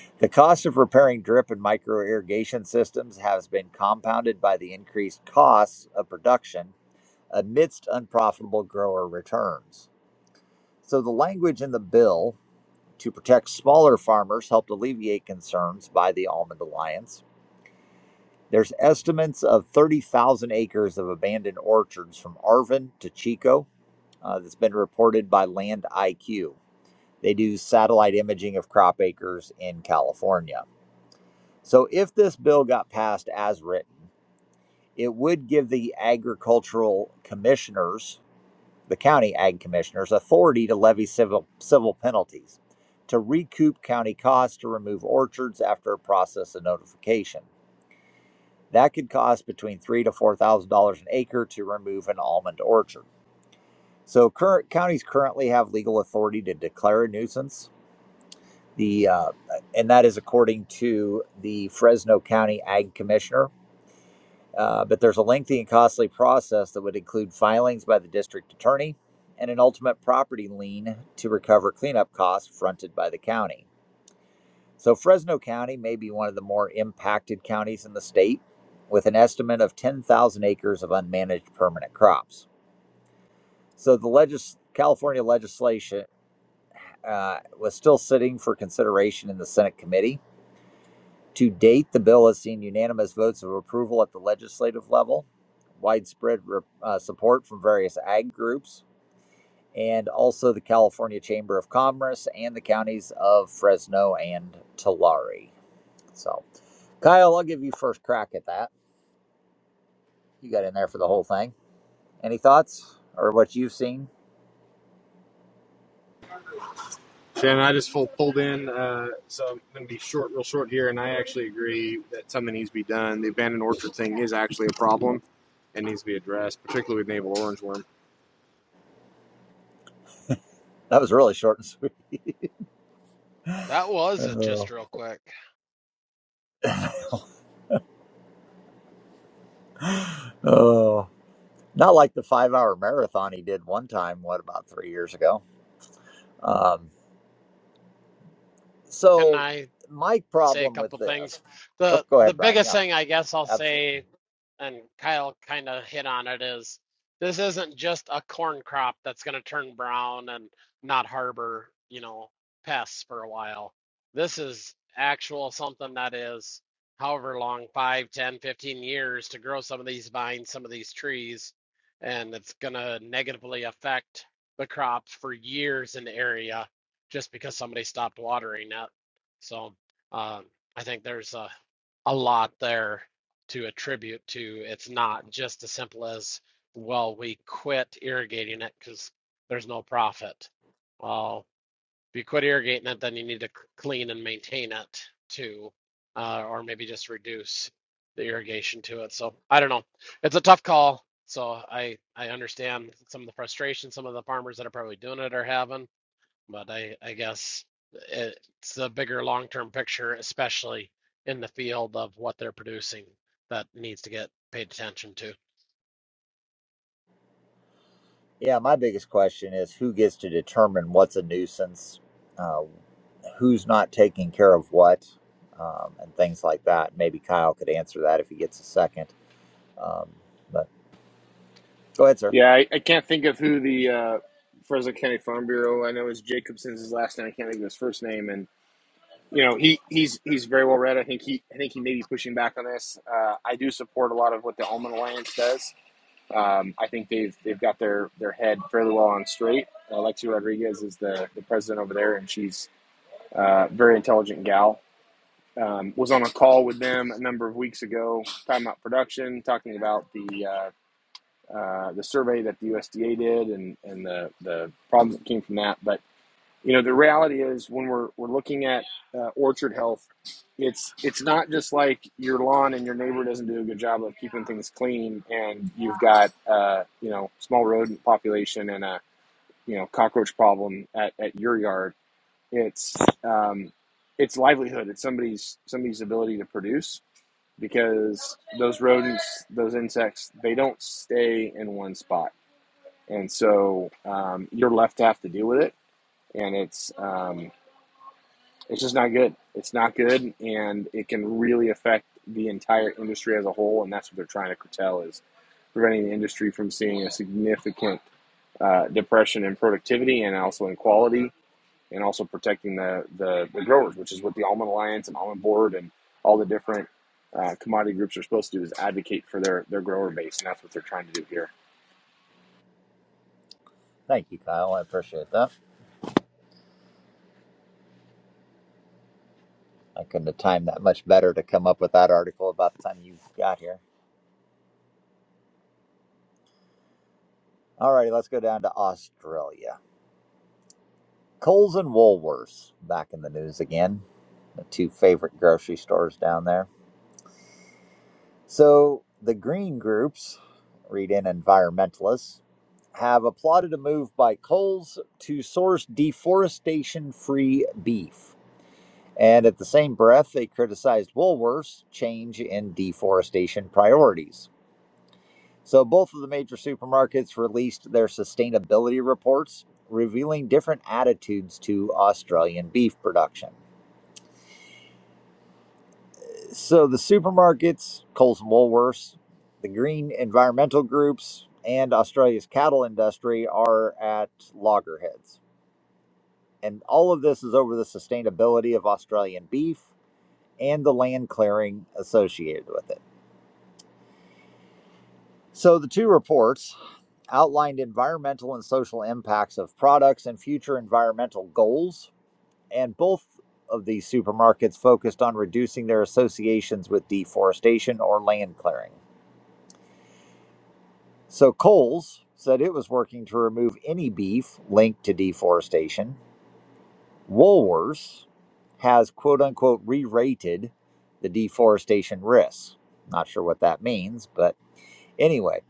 Speaker 1: (laughs) the cost of repairing drip and micro irrigation systems has been compounded by the increased costs of production amidst unprofitable grower returns. So, the language in the bill to protect smaller farmers helped alleviate concerns by the Almond Alliance There's estimates of 30,000 acres of abandoned orchards from Arvin to Chico uh, that's been reported by Land IQ. They do satellite imaging of crop acres in California. So, if this bill got passed as written, it would give the agricultural commissioners, the county ag commissioners, authority to levy civil, civil penalties to recoup county costs to remove orchards after a process of notification. That could cost between three to four thousand dollars an acre to remove an almond orchard. So current counties currently have legal authority to declare a nuisance. The uh, and that is according to the Fresno County Ag Commissioner. Uh, but there's a lengthy and costly process that would include filings by the district attorney and an ultimate property lien to recover cleanup costs fronted by the county. So Fresno County may be one of the more impacted counties in the state, with an estimate of 10,000 acres of unmanaged permanent crops. So the legis- California legislation uh, was still sitting for consideration in the Senate committee. To date, the bill has seen unanimous votes of approval at the legislative level, widespread re- uh, support from various ag groups, and also the California Chamber of Commerce and the counties of Fresno and Tulare. So Kyle, I'll give you first crack at that. You got in there for the whole thing. Any thoughts or what you've seen? That was really short and (laughs) sweet.
Speaker 3: That was a just
Speaker 1: Oh,
Speaker 3: real quick.
Speaker 1: oh. Not like the five hour marathon he did one time, what, about three years ago? Um,
Speaker 3: Can
Speaker 1: so,
Speaker 3: I?
Speaker 1: my
Speaker 3: say a
Speaker 1: problem with
Speaker 3: couple things.
Speaker 1: this, oh,
Speaker 3: The
Speaker 1: go
Speaker 3: the
Speaker 1: ahead, Brian.
Speaker 3: biggest
Speaker 1: Yeah,
Speaker 3: thing I guess I'll
Speaker 1: absolutely.
Speaker 3: say, and Kyle kind of hit on it, is this isn't just a corn crop that's going to turn brown and not harbor, you know, pests for a while. This is actual something that is however long, 5, 10, 15 years to grow some of these vines, some of these trees, and it's going to negatively affect the crops for years in the area just because somebody stopped watering it. So um, I think there's a a lot there to attribute to. It's not just as simple as, well, we quit irrigating it because there's no profit. Well, if you quit irrigating it, then you need to clean and maintain it too, uh, or maybe just reduce the irrigation to it. So I don't know. It's a tough call. So I I understand some of the frustration some of the farmers that are probably doing it are having. But I, I guess it's a bigger long-term picture, especially in the field of what they're producing, that needs to get paid attention to.
Speaker 1: Yeah, my biggest question is who gets to determine what's a nuisance, uh, who's not taking care of what, um, and things like that. Maybe Kyle could answer that if he gets a second. Um, but Go ahead, sir. Thank you, Kyle. I appreciate that. I couldn't have timed that much better to come up with that article about the time you got here. All righty, let's go down to Australia. Coles and Woolworths back in the news again. The two favorite grocery stores down there. So the green groups, read in environmentalists, have applauded a move by Coles to source deforestation free beef. And at the same breath, they criticized Woolworth's change in deforestation priorities. So, both of the major supermarkets released their sustainability reports, revealing different attitudes to Australian beef production. So, the supermarkets, Coles and Woolworths, the green environmental groups, and Australia's cattle industry are at loggerheads. And all of this is over the sustainability of Australian beef and the land clearing associated with it. So, the two reports outlined environmental and social impacts of products and future environmental goals. And both of these supermarkets focused on reducing their associations with deforestation or land clearing. So Kohl's said it was working to remove any beef linked to deforestation. Woolworths has quote unquote re rated the deforestation risks. Not sure what that means, but anyway.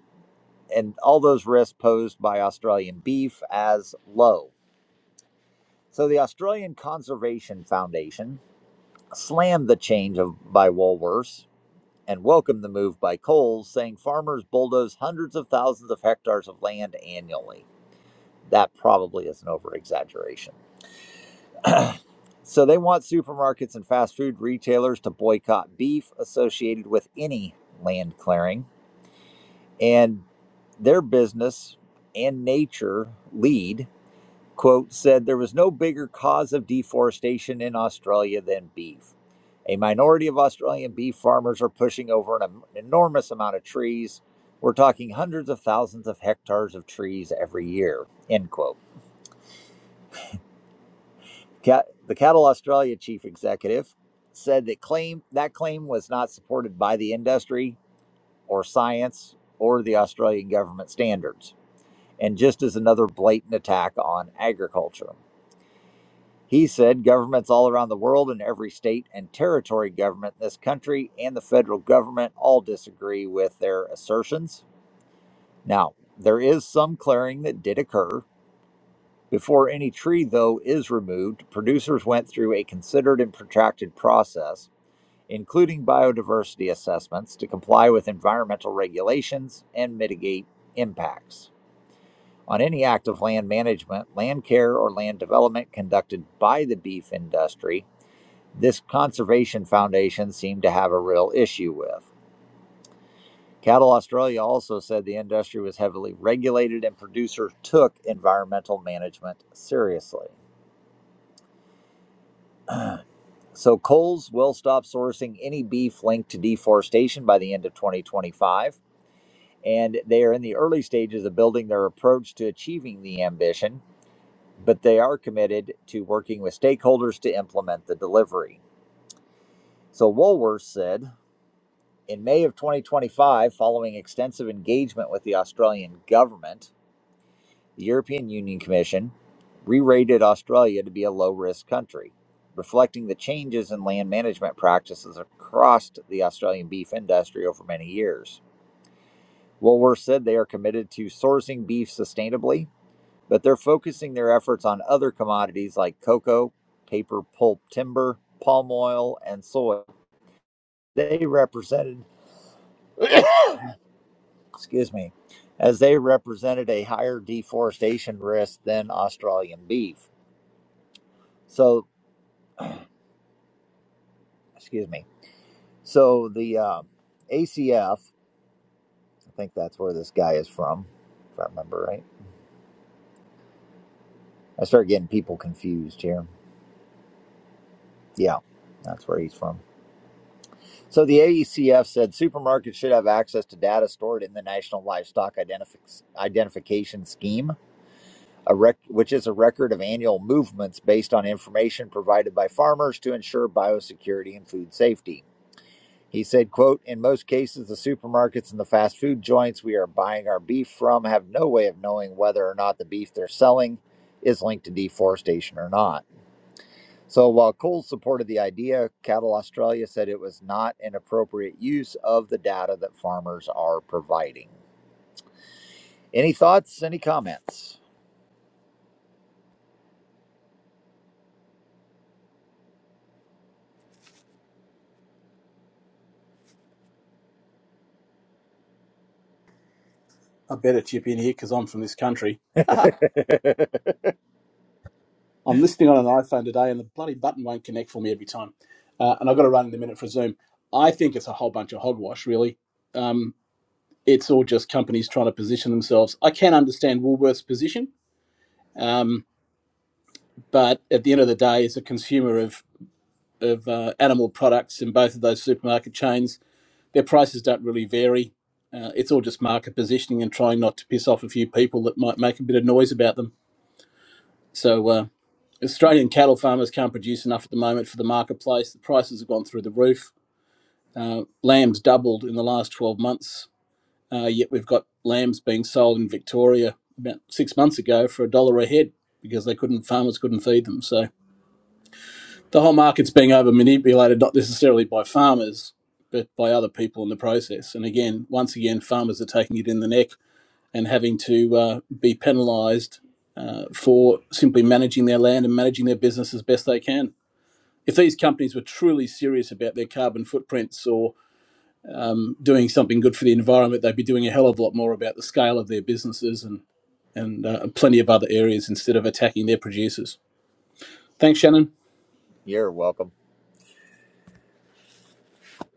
Speaker 1: And all those risks posed by Australian beef as low. So the Australian Conservation Foundation slammed the change of, by Woolworths and welcomed the move by Coles, saying farmers bulldoze hundreds of thousands of hectares of land annually. That probably is an over exaggeration. So they want supermarkets and fast food retailers to boycott beef associated with any land clearing and their business and nature lead quote said there was no bigger cause of deforestation in Australia than beef. A minority of Australian beef farmers are pushing over an enormous amount of trees. We're talking hundreds of thousands of hectares of trees every year. End quote. Cat, the Cattle Australia chief executive said that claim that claim was not supported by the industry or science or the Australian government standards, and just as another blatant attack on agriculture. He said governments all around the world and every state and territory government in this country and the federal government all disagree with their assertions. Now, there is some clearing that did occur. Before any tree, though, is removed, producers went through a considered and protracted process, including biodiversity assessments, to comply with environmental regulations and mitigate impacts. On any act of land management, land care, or land development conducted by the beef industry, this conservation foundation seemed to have a real issue with. Cattle Australia also said the industry was heavily regulated and producers took environmental management seriously. So Coles will stop sourcing any beef linked to deforestation by the end of 2025. And they are in the early stages of building their approach to achieving the ambition, but they are committed to working with stakeholders to implement the delivery. So Woolworths said In May of 2025, following extensive engagement with the Australian government, the European Union Commission re rated Australia to be a low risk country, reflecting the changes in land management practices across the Australian beef industry over many years. Woolworths said they are committed to sourcing beef sustainably, but they're focusing their efforts on other commodities like cocoa, paper pulp timber, palm oil, and soy. They represented excuse me, as they represented a higher deforestation risk than Australian beef. So, excuse me. So the uh, ACF, I think that's where this guy is from, if I remember right. I start getting people confused here. Yeah, that's where he's from. So the AECF said supermarkets should have access to data stored in the National Livestock Identif- Identification Scheme a rec- which is a record of annual movements based on information provided by farmers to ensure biosecurity and food safety. He said, quote, in most cases, the supermarkets and the fast food joints we are buying our beef from have no way of knowing whether or not the beef they're selling is linked to deforestation or not. So while Cole supported the idea, Cattle Australia said it was not an appropriate use of the data that farmers are providing. Any thoughts? Any comments?
Speaker 4: I better chip in here because I'm from this country. (laughs) I'm listening on an iPhone today and the bloody button won't connect for me every time. Uh, and I've got to run in a minute for Zoom. I think it's a whole bunch of hogwash, really. Um, it's all just companies trying to position themselves. I can understand Woolworth's position, um, but at the end of the day, as a consumer of of uh, animal products in both of those supermarket chains, their prices don't really vary. Uh, it's all just market positioning and trying not to piss off a few people that might make a bit of noise about them. So uh,
Speaker 1: (laughs)
Speaker 4: Australian cattle farmers can't produce enough at the moment for the marketplace. The prices have gone through the roof. Uh, lamb's doubled in the last 12 months Uh, yet we've got lambs being sold in Victoria about six months ago for a dollar a head because they couldn't farmers couldn't feed them. So the whole market's being over manipulated not necessarily by farmers but by other people in the process. And again, once again, farmers are taking it in the neck and having to uh, be penalised uh, for simply managing their land and managing their business as best they can. If these companies were truly serious about their carbon footprints or um, doing something good for the environment, they'd be doing a hell of a lot more about the scale of their businesses and and uh, plenty of other areas instead of attacking their producers. Thanks, Shannon.
Speaker 1: You're welcome.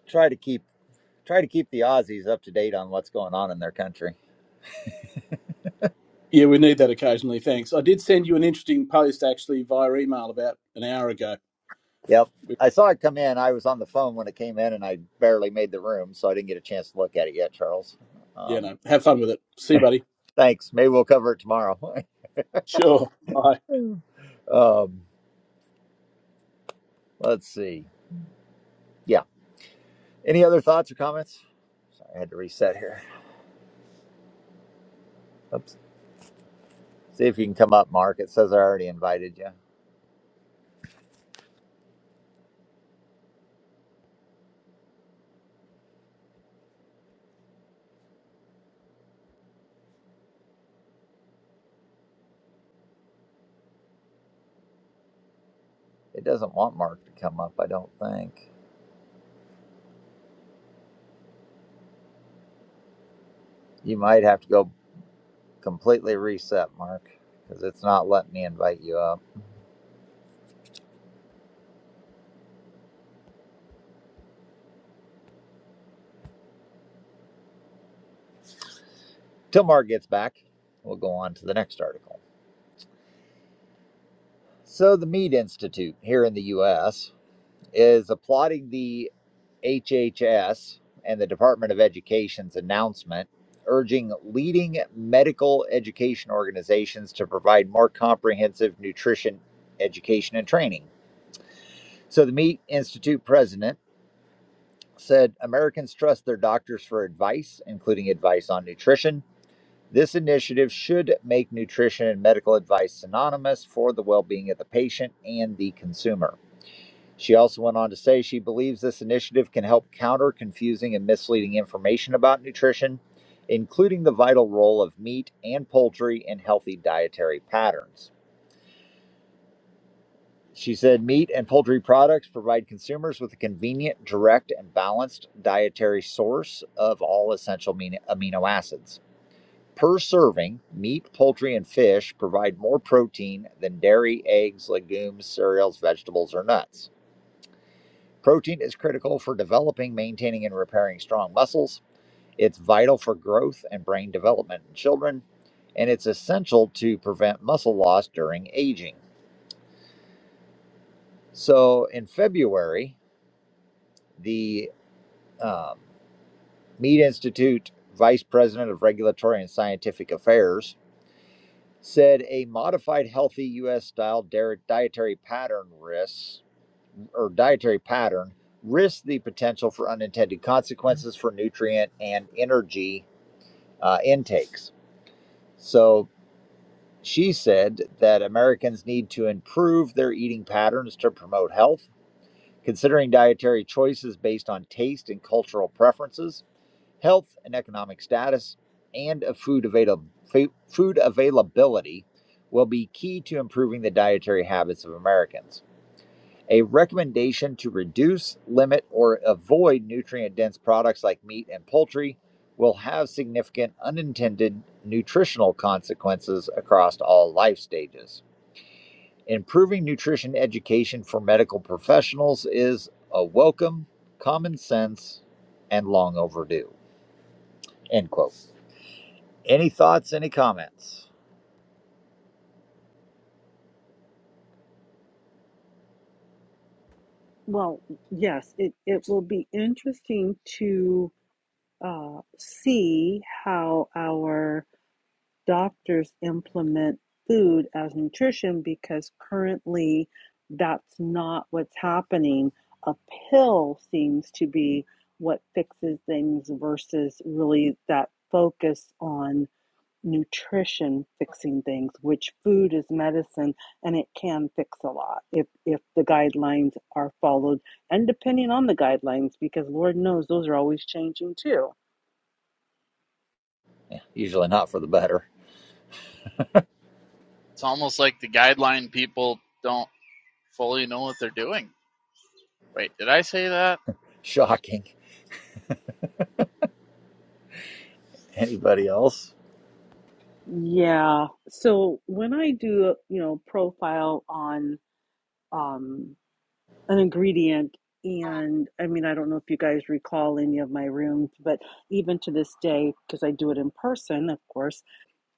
Speaker 1: Try to keep try to keep the Aussies up to date on what's going on in their country.
Speaker 4: Yeah, we need that occasionally. Thanks. I did send you an interesting post actually via email about an hour ago.
Speaker 1: Yep. I saw it come in. I was on the phone when it came in and I barely made the room, so I didn't get a chance to look at it yet, Charles.
Speaker 4: You
Speaker 1: Um,
Speaker 4: know, have fun with it. See you, buddy.
Speaker 1: thanks. Maybe we'll cover it tomorrow.
Speaker 4: Sure. Bye.
Speaker 1: (laughs) um, let's see. Yeah. Any other thoughts or comments? Sorry, I had to reset here. Oops. See if you can come up, Mark. It says I already invited you. It doesn't want Mark to come up, I don't think. You might have to go completely reset, Mark, because it's not letting me invite you up. Till Mark gets back, we'll go on to the next article. So, the Mead Institute here in the US is applauding the HHS and the Department of Education's announcement urging leading medical education organizations to provide more comprehensive nutrition education and training. So, the Mead Institute president said Americans trust their doctors for advice, including advice on nutrition. This initiative should make nutrition and medical advice synonymous for the well being of the patient and the consumer. She also went on to say she believes this initiative can help counter confusing and misleading information about nutrition, including the vital role of meat and poultry in healthy dietary patterns. She said meat and poultry products provide consumers with a convenient, direct, and balanced dietary source of all essential amino acids. Per serving, meat, poultry, and fish provide more protein than dairy, eggs, legumes, cereals, vegetables, or nuts. Protein is critical for developing, maintaining, and repairing strong muscles. It's vital for growth and brain development in children, and it's essential to prevent muscle loss during aging. So, in February, the um, Meat Institute Vice President of Regulatory and Scientific Affairs said a modified healthy U.S. style dietary pattern risks or dietary pattern risks the potential for unintended consequences for nutrient and energy uh, intakes. So she said that Americans need to improve their eating patterns to promote health, considering dietary choices based on taste and cultural preferences. health and economic status, and of food, avail- food availability will be key to improving the dietary habits of Americans. A recommendation to reduce, limit, or avoid nutrient dense products like meat and poultry will have significant unintended nutritional consequences across all life stages. Improving nutrition education for medical professionals is a welcome, common sense, and long overdue. End quote. Any thoughts, any comments?
Speaker 7: Well, yes, it, it will be interesting to uh, see how our doctors implement food as nutrition because currently that's not what's happening. A pill seems to be what fixes things versus really that focus on nutrition fixing things, which food is medicine and it can fix a lot if if the guidelines are followed and depending on the guidelines because Lord knows those are always changing too.
Speaker 1: Usually not for the better.
Speaker 8: It's almost like the guideline people don't fully know what they're doing. Wait, did I say that?
Speaker 1: (laughs) Shocking. Anybody else?
Speaker 7: Yeah. So when I do, a, you know, profile on um an ingredient and I mean I don't know if you guys recall any of my rooms, but even to this day because I do it in person, of course,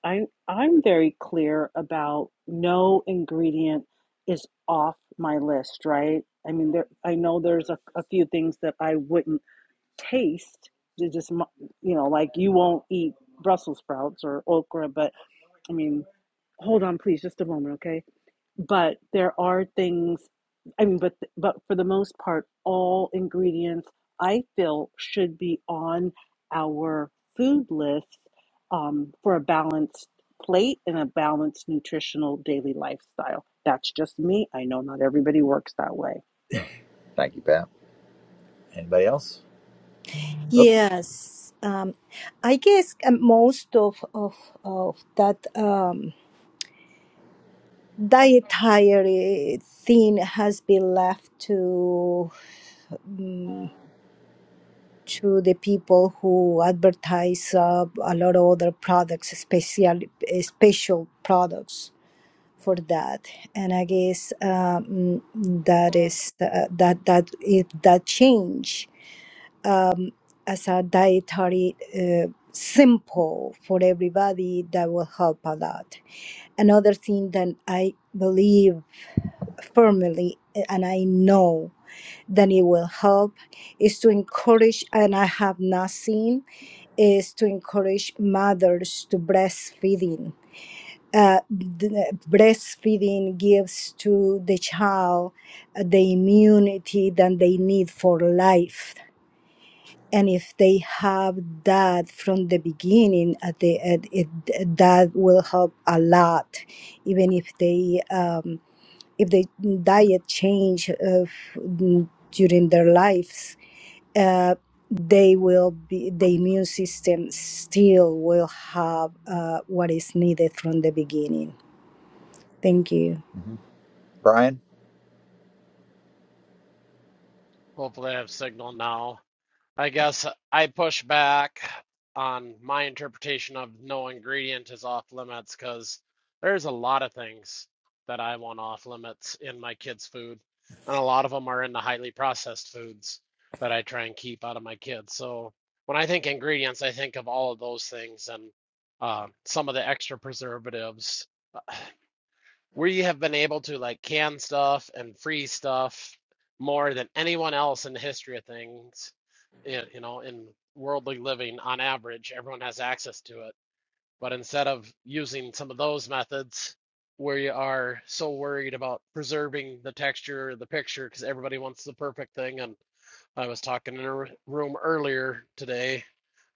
Speaker 7: I I'm very clear about no ingredient is off my list, right? I mean, there I know there's a, a few things that I wouldn't taste. They Just mu- you know, like you won't eat Brussels sprouts or okra, but I mean, hold on, please, just a moment, okay? but there are things i mean but but for the most part all ingredients i feel should be on our food list um, for a balanced plate and a balanced nutritional daily lifestyle that's just me i know not everybody works that way
Speaker 1: Thank you, Pat. Anybody else? Oop.
Speaker 2: Yes. Um, I guess uh, most of, of, of that um, dietary thing has been left to um, to the people who advertise uh, a lot of other products, special eh, special products for that. And I guess um, that is uh, that that if that change. um, as a dietary uh, simple for everybody that will help a lot. Another thing that I believe firmly and I know that it will help is to encourage, and I have not seen, is to encourage mothers to breastfeeding. Uh, the breastfeeding gives to the child uh, the immunity that they need for life and if they have that from the beginning at the at it, that will help a lot even if they um, if they diet change of, during their lives uh, they will be the immune system still will have uh, what is needed from the beginning thank you
Speaker 1: Mhm. Brian?
Speaker 3: Hopefully, I have signal now. I guess I push back on my interpretation of no ingredient is off limits because there's a lot of things that I want off limits in my kids' food, and a lot of them are in the highly processed foods that I try and keep out of my kids. So when I think ingredients, I think of all of those things and uh, some of the extra preservatives we have been able to like can stuff and freeze stuff more than anyone else in the history of things y- you know in worldly living on average everyone has access to it but instead of using some of those methods where you are so worried about preserving the texture of the picture because everybody wants the perfect thing and i was talking in a room earlier today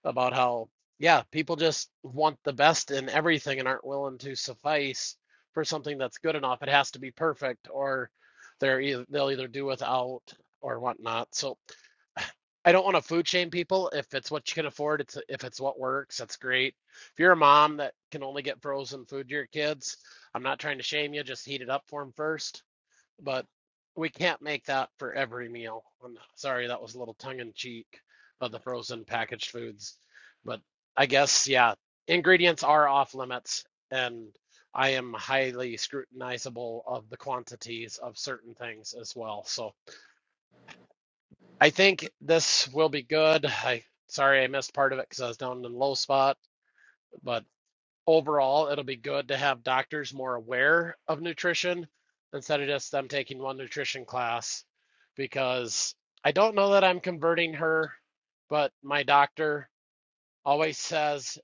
Speaker 3: about how, yeah, people just want the best in everything and aren't willing to suffice for something that's good enough. It has to be perfect, or they're either, they'll either do without or whatnot. So I don't want to food shame people. If it's what you can afford, it's if it's what works, that's great. If you're a mom that can only get frozen food to your kids, I'm not trying to shame you. Just heat it up for them first but we can't make that for every meal. I'm sorry, that was a little tongue in cheek of the frozen packaged foods. But I guess, yeah, ingredients are off limits, and I am highly scrutinizable of the quantities of certain things as well. So I think this will be good. I sorry I missed part of it because I was down in a low spot, but overall, it'll be good to have doctors more aware of nutrition instead of just them taking one nutrition class because I don't know that I'm converting her, but my doctor always says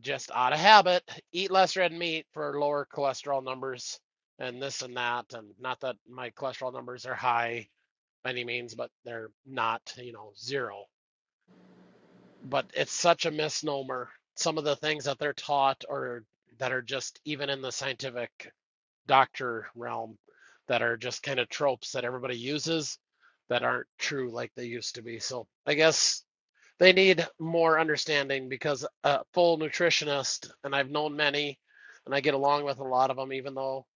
Speaker 3: just out of habit, eat less red meat for lower cholesterol numbers and this and that. And not that my cholesterol numbers are high by any means, but they're not, you know, zero but it's such a misnomer. Some of the things that they're taught or that are just even in the scientific doctor realm that are just kind of tropes that everybody uses that aren't true like they used to be. So I guess they need more understanding because a full nutritionist, and I've known many, and I get along with a lot of them, even though,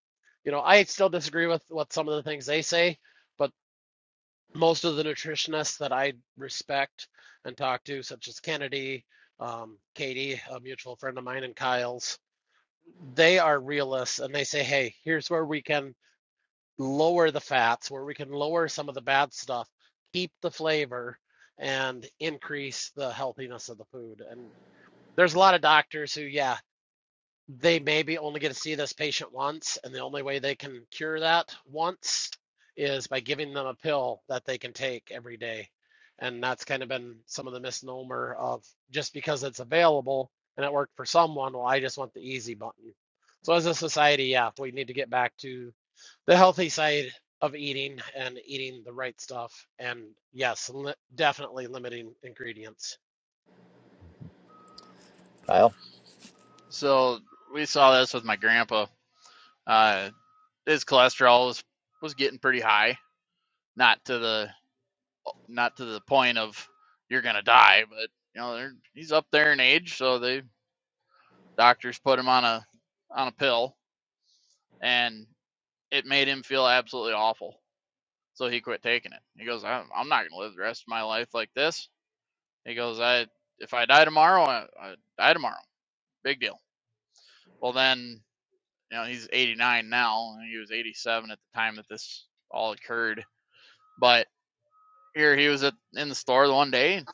Speaker 3: you know, I still disagree with what some of the things they say, but most of the nutritionists that I respect and talk to, such as Kennedy, um, Katie, a mutual friend of mine, and Kyle's, they are realists and they say, hey, here's where we can lower the fats, where we can lower some of the bad stuff, keep the flavor, and increase the healthiness of the food. And there's a lot of doctors who, yeah, they maybe only get to see this patient once, and the only way they can cure that once is by giving them a pill that they can take every day. And that's kind of been some of the misnomer of just because it's available and it worked for someone, well, I just want the easy button. So as a society, yeah, we need to get back to the healthy side of eating and eating the right stuff. And yes, li- definitely limiting ingredients.
Speaker 1: Kyle?
Speaker 8: So we saw this with my grandpa. Uh, his cholesterol was was getting pretty high. Not to the not to the point of you're gonna die, but you know he's up there in age, so the doctors put him on a on a pill, and it made him feel absolutely awful. So he quit taking it. He goes, I'm, I'm not gonna live the rest of my life like this. He goes, I if I die tomorrow, I, I die tomorrow. big deal. Well, then, you know, he's 89 now, and he was 87 at the time that this all occurred. But here he was at, in the store one day,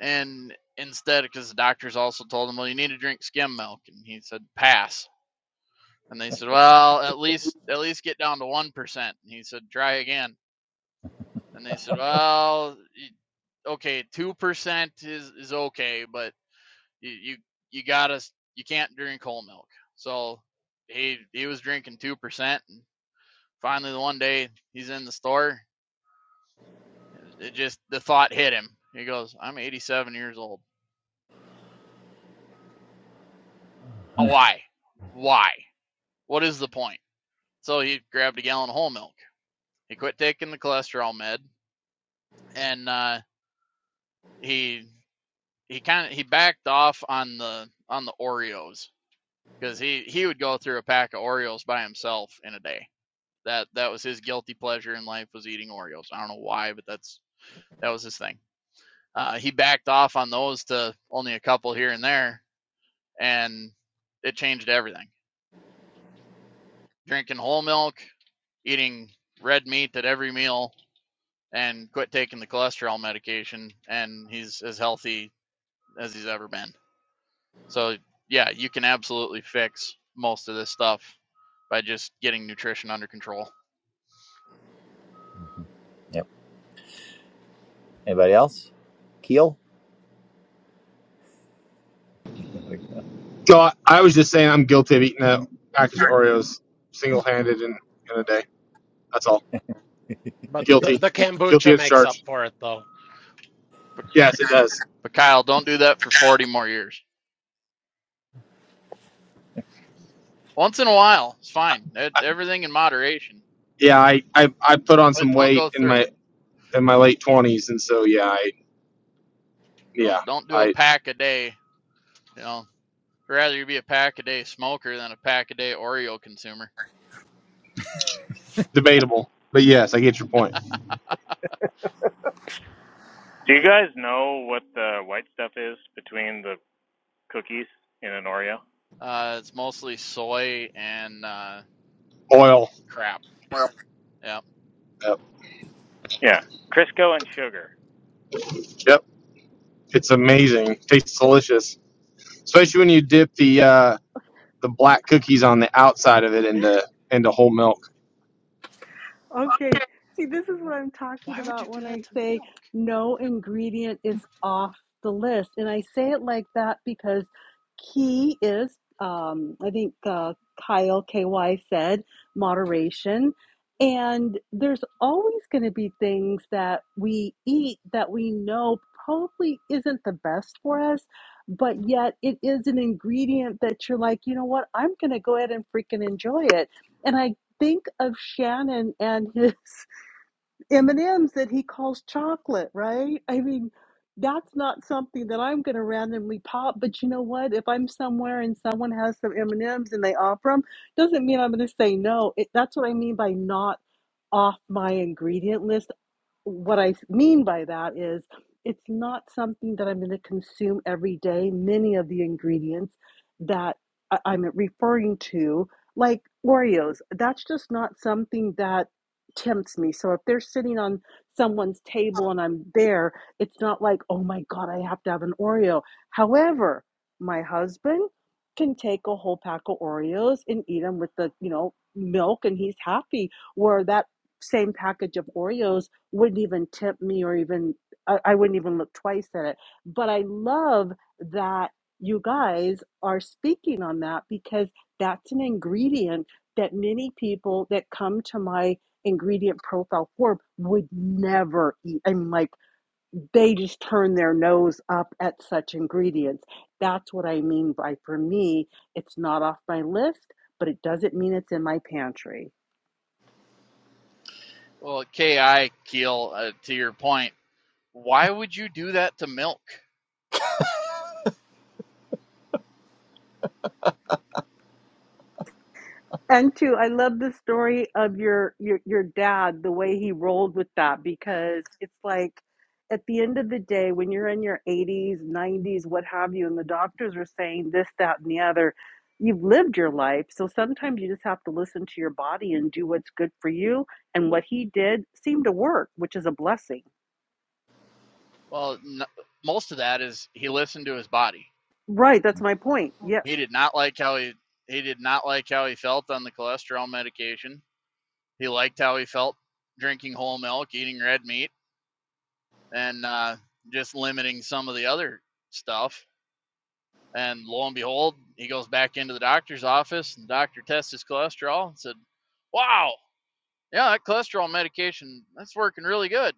Speaker 8: and instead, because the doctors also told him, well, you need to drink skim milk, and he said, pass. And they said, well, at least at least get down to one percent. And he said, try again. And they said, well, okay, two percent is is okay, but you you, you gotta you can't drink whole milk. So he he was drinking two percent, and Finally, the one day he's in the store, it just the thought hit him. He goes, "I'm 87 years old. Why? Why? What is the point?" So he grabbed a gallon of whole milk. He quit taking the cholesterol med, and uh, he he kind of he backed off on the on the Oreos because he he would go through a pack of Oreos by himself in a day. That that was his guilty pleasure in life was eating Oreos. I don't know why, but that's that was his thing. Uh, he backed off on those to only a couple here and there, and it changed everything. Drinking whole milk, eating red meat at every meal, and quit taking the cholesterol medication, and he's as healthy as he's ever been. So, yeah, you can absolutely fix most of this stuff by just getting nutrition under control.
Speaker 1: Yep. Anybody else? Keel? (laughs)
Speaker 9: So I, was just saying I'm guilty of eating a package of Oreos single handed in, in a day. That's all.
Speaker 3: But the,
Speaker 9: Guilty.
Speaker 3: the
Speaker 9: Guilty
Speaker 3: kombucha
Speaker 9: as
Speaker 3: makes up
Speaker 9: charged.
Speaker 3: for it though.
Speaker 8: But,
Speaker 9: Yes, it does.
Speaker 8: but Kyle, don't do that for 40 more years. Once in a while, it's fine. E-
Speaker 9: I,
Speaker 8: Everything in moderation,
Speaker 9: yeah, I, I I put
Speaker 8: (laughs)
Speaker 9: on
Speaker 8: but
Speaker 9: some
Speaker 8: don't go
Speaker 9: weight in
Speaker 8: through.
Speaker 9: my in my late twenties, and so yeah, I yeah
Speaker 8: Don't don't do a
Speaker 9: I
Speaker 8: pack a day. You know, rather you be a pack a day smoker than a pack a day Oreo consumer.
Speaker 9: debatable, but yes, I get your point.
Speaker 10: Do you guys know what the white stuff is between the cookies in an Oreo?
Speaker 8: Uh, it's mostly soy and uh,
Speaker 9: Oil.
Speaker 8: crap. Yeah.
Speaker 9: Yep.
Speaker 10: Yeah. Crisco and sugar.
Speaker 9: Yep. It's amazing. Tastes delicious, especially when you dip the uh, the black cookies on the outside of it into into whole milk.
Speaker 7: Okay. See, this is what I'm talking
Speaker 8: Why would you
Speaker 7: about
Speaker 8: do
Speaker 7: when
Speaker 8: that
Speaker 7: I
Speaker 8: to
Speaker 7: say
Speaker 8: milk?
Speaker 7: no ingredient is off the list. And I say it like that because key is, um, I think uh, Kyle KY said, moderation. And there's always going to be things that we eat that we know probably isn't the best for us, but yet it is an ingredient that you're like, you know what, I'm going to go ahead and freaking enjoy it. And I think of Shannon and his (laughs) M&Ms that he calls chocolate, right? I mean, that's not something that I'm going to randomly pop, but you know what? If I'm somewhere and someone has some M&Ms and M's and they offer them, doesn't mean I'm going to say no. It, that's what I mean by not off my ingredient list what I mean by that is it's not something that I'm going to consume every day. Many of the ingredients that I- I'm referring to, like Oreos, that's just not something that tempts me. So if they're sitting on someone's table and I'm there, it's not like, oh my God, I have to have an Oreo. However, my husband can take a whole pack of Oreos and eat them with the, you know, milk and he's happy. Where that same package of Oreos wouldn't even tip me or even I, I wouldn't even look twice at it but i love that you guys are speaking on that because that's an ingredient that many people that come to my ingredient profile form would never eat i mean like they just turn their nose up at such ingredients that's what i mean by for me it's not off my list but it doesn't mean it's in my pantry
Speaker 8: Well, Ki Keel, uh, to your point, why would you do that to milk?
Speaker 7: And two, I love the story of your your your dad, the way he rolled with that, because it's like at the end of the day, when you're in your 80s, 90s, what have you, and the doctors are saying this, that, and the other, you've lived your life. So sometimes you just have to listen to your body and do what's good for you. And what he did seemed to work, which is a blessing.
Speaker 8: Well, n- most of that is he listened to his body.
Speaker 7: Right, that's my point. Yes.
Speaker 8: He did not like how he he did not like how he felt on the cholesterol medication. He liked how he felt drinking whole milk, eating red meat, and uh, just limiting some of the other stuff. And lo and behold, he goes back into the doctor's office, and the doctor tests his cholesterol and said, Wow, yeah, that cholesterol medication, that's working really good.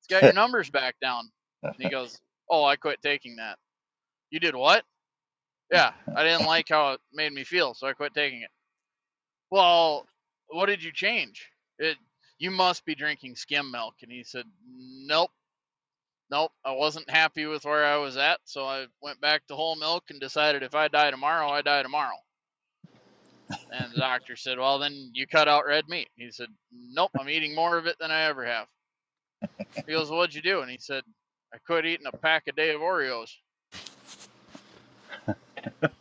Speaker 8: It's got your numbers back down. And he goes, Oh, I quit taking that. You did what? Yeah, I didn't like how it made me feel, so I quit taking it. Well, what did you change? It, you must be drinking skim milk. And he said, Nope, nope, I wasn't happy with where I was at, so I went back to whole milk and decided if I die tomorrow, I die tomorrow. And the doctor said, Well, then you cut out red meat. He said, Nope, I'm eating more of it than I ever have. He goes, "Well, What'd you do? And he said, I quit eating a pack a day of Oreos.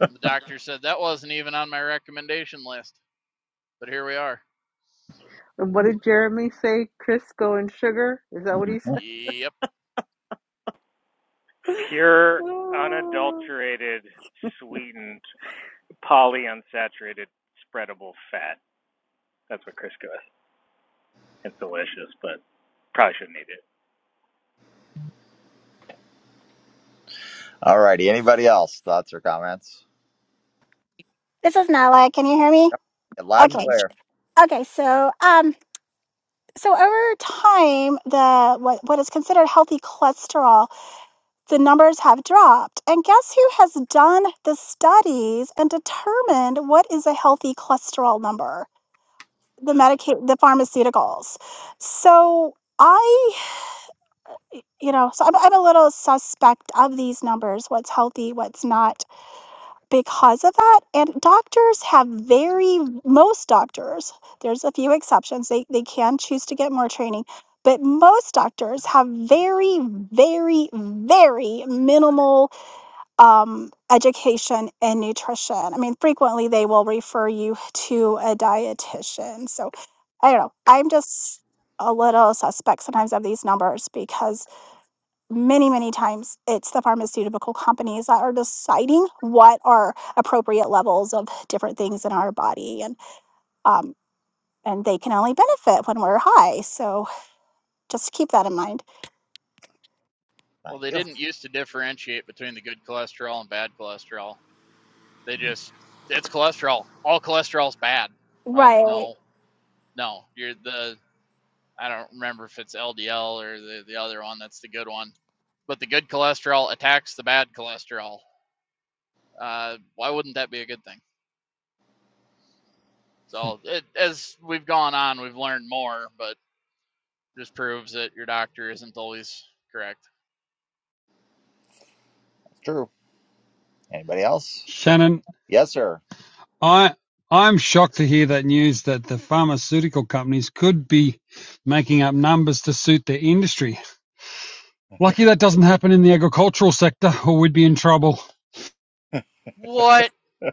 Speaker 8: And the doctor said, That wasn't even on my recommendation list, but here we are.
Speaker 7: And what did Jeremy say? Crisco and sugar? Is that what he said?
Speaker 8: Yep.
Speaker 7: (sighs) (laughs)
Speaker 10: Pure,
Speaker 7: Oh,
Speaker 10: unadulterated, sweetened, polyunsaturated, spreadable fat. That's what Crisco is. It's delicious, but probably shouldn't eat it.
Speaker 1: All righty. Anybody else? Thoughts or comments?
Speaker 11: This is Nala. Can you hear me?
Speaker 1: Loud and
Speaker 11: Okay.
Speaker 1: clear.
Speaker 11: Okay. So, um, so over time, the what, what is considered healthy cholesterol, the numbers have dropped. And guess who has done the studies and determined what is a healthy cholesterol number? The Medicaid, the pharmaceuticals. So I, you know, so I'm, I'm a little suspect of these numbers. What's healthy? What's not? because of that and doctors have very most doctors there's a few exceptions they, they can choose to get more training but most doctors have very very very minimal um, education in nutrition i mean frequently they will refer you to a dietitian so i don't know i'm just a little suspect sometimes of these numbers because many many times it's the pharmaceutical companies that are deciding what are appropriate levels of different things in our body and um and they can only benefit when we're high so just keep that in mind
Speaker 8: Well,
Speaker 1: Thank
Speaker 8: they
Speaker 1: you.
Speaker 8: didn't used to differentiate between the good cholesterol and bad cholesterol. They just, it's cholesterol. All cholesterol's bad. Well,
Speaker 11: right
Speaker 8: no, no. You're the I don't remember if it's LDL or the, the other one. That's the good one. But the good cholesterol attacks the bad cholesterol. Uh, why wouldn't that be a good thing? So it, as we've gone on, we've learned more, but just proves that your doctor isn't always correct.
Speaker 1: True. Anybody else?
Speaker 12: Shannon,
Speaker 1: Yes, sir.
Speaker 12: I I'm shocked to hear that news that the pharmaceutical companies could be making up numbers to suit their industry. Lucky that doesn't happen in the agricultural sector, or we'd be in trouble.
Speaker 8: What?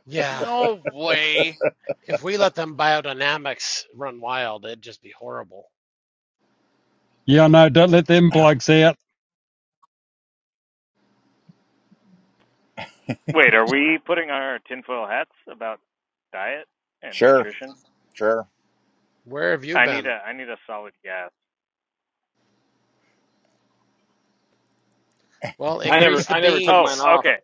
Speaker 3: Yeah.
Speaker 8: No way.
Speaker 3: if we let them biodynamics run wild, it'd just be horrible.
Speaker 12: Yeah, no, don't let them blokes out.
Speaker 10: Wait, are we putting on our tinfoil hats about diet and
Speaker 1: Sure.
Speaker 10: nutrition?
Speaker 1: Sure.
Speaker 3: Where have you
Speaker 10: I need
Speaker 3: been?
Speaker 10: a I need a solid gas.
Speaker 3: Well, increase the
Speaker 10: Oh,
Speaker 3: beans.
Speaker 10: okay.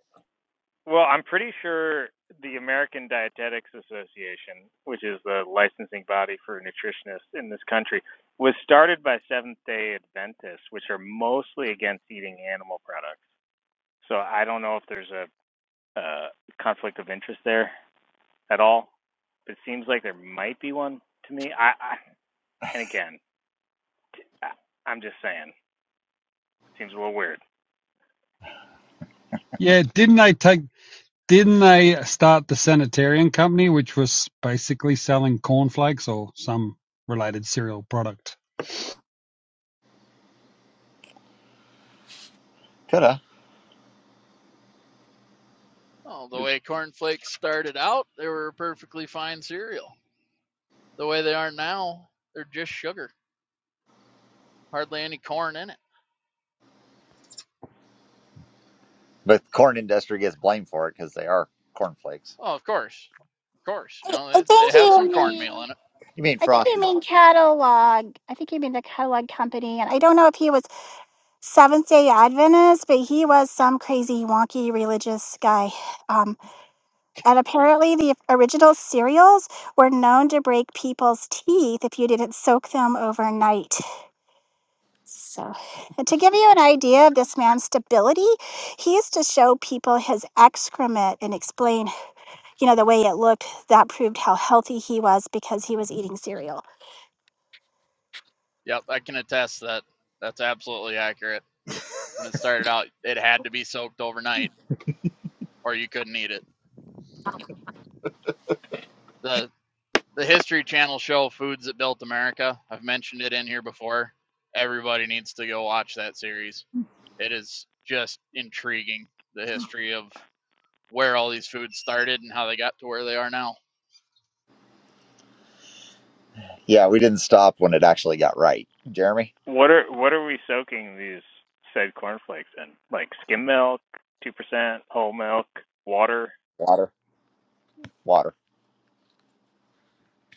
Speaker 10: Well, I'm pretty sure the American Dietetics Association, which is the licensing body for nutritionists in this country, was started by Seventh day Adventists, which are mostly against eating animal products. So I don't know if there's a, uh conflict of interest there at all. It seems like there might be one to me. I, I and again, I, I'm just saying, it seems a little weird.
Speaker 12: Yeah, didn't they take? Didn't they start the Sanitarian company, which was basically selling cornflakes or some related cereal product?
Speaker 1: Coulda.
Speaker 8: Well, the way corn flakes started out, they were a perfectly fine cereal. The way they are now, they're just sugar. Hardly any corn in it.
Speaker 1: But corn industry gets blamed for it because they are cornflakes.
Speaker 8: Oh, of course. Of course. You
Speaker 11: i,
Speaker 8: know,
Speaker 11: I
Speaker 8: they, they
Speaker 11: think
Speaker 8: have
Speaker 11: you
Speaker 8: some
Speaker 11: mean
Speaker 8: cornmeal in it
Speaker 1: You mean
Speaker 11: i think you
Speaker 1: frosted?
Speaker 11: mean catalog i think you mean the catalog company and i don't know if he was seventh day adventist but he was some crazy wonky religious guy Um, And apparently, the original cereals were known to break people's teeth if you didn't soak them overnight. So, and to give you an idea of this man's stability, he used to show people his excrement and explain, you know, the way it looked. That proved how healthy he was because he was eating cereal.
Speaker 8: Yep, I can attest that that's absolutely accurate. When it started out, it had to be soaked overnight or you couldn't eat it. The the History Channel show Foods That Built America, I've mentioned it in here before. Everybody needs to go watch that series. It is just intriguing the history of where all these foods started and how they got to where they are now.
Speaker 1: Yeah, we didn't stop when it actually got right. Jeremy?
Speaker 10: What are what are we soaking these said cornflakes in? Like skim milk, two percent, whole milk, water.
Speaker 1: Water. Water.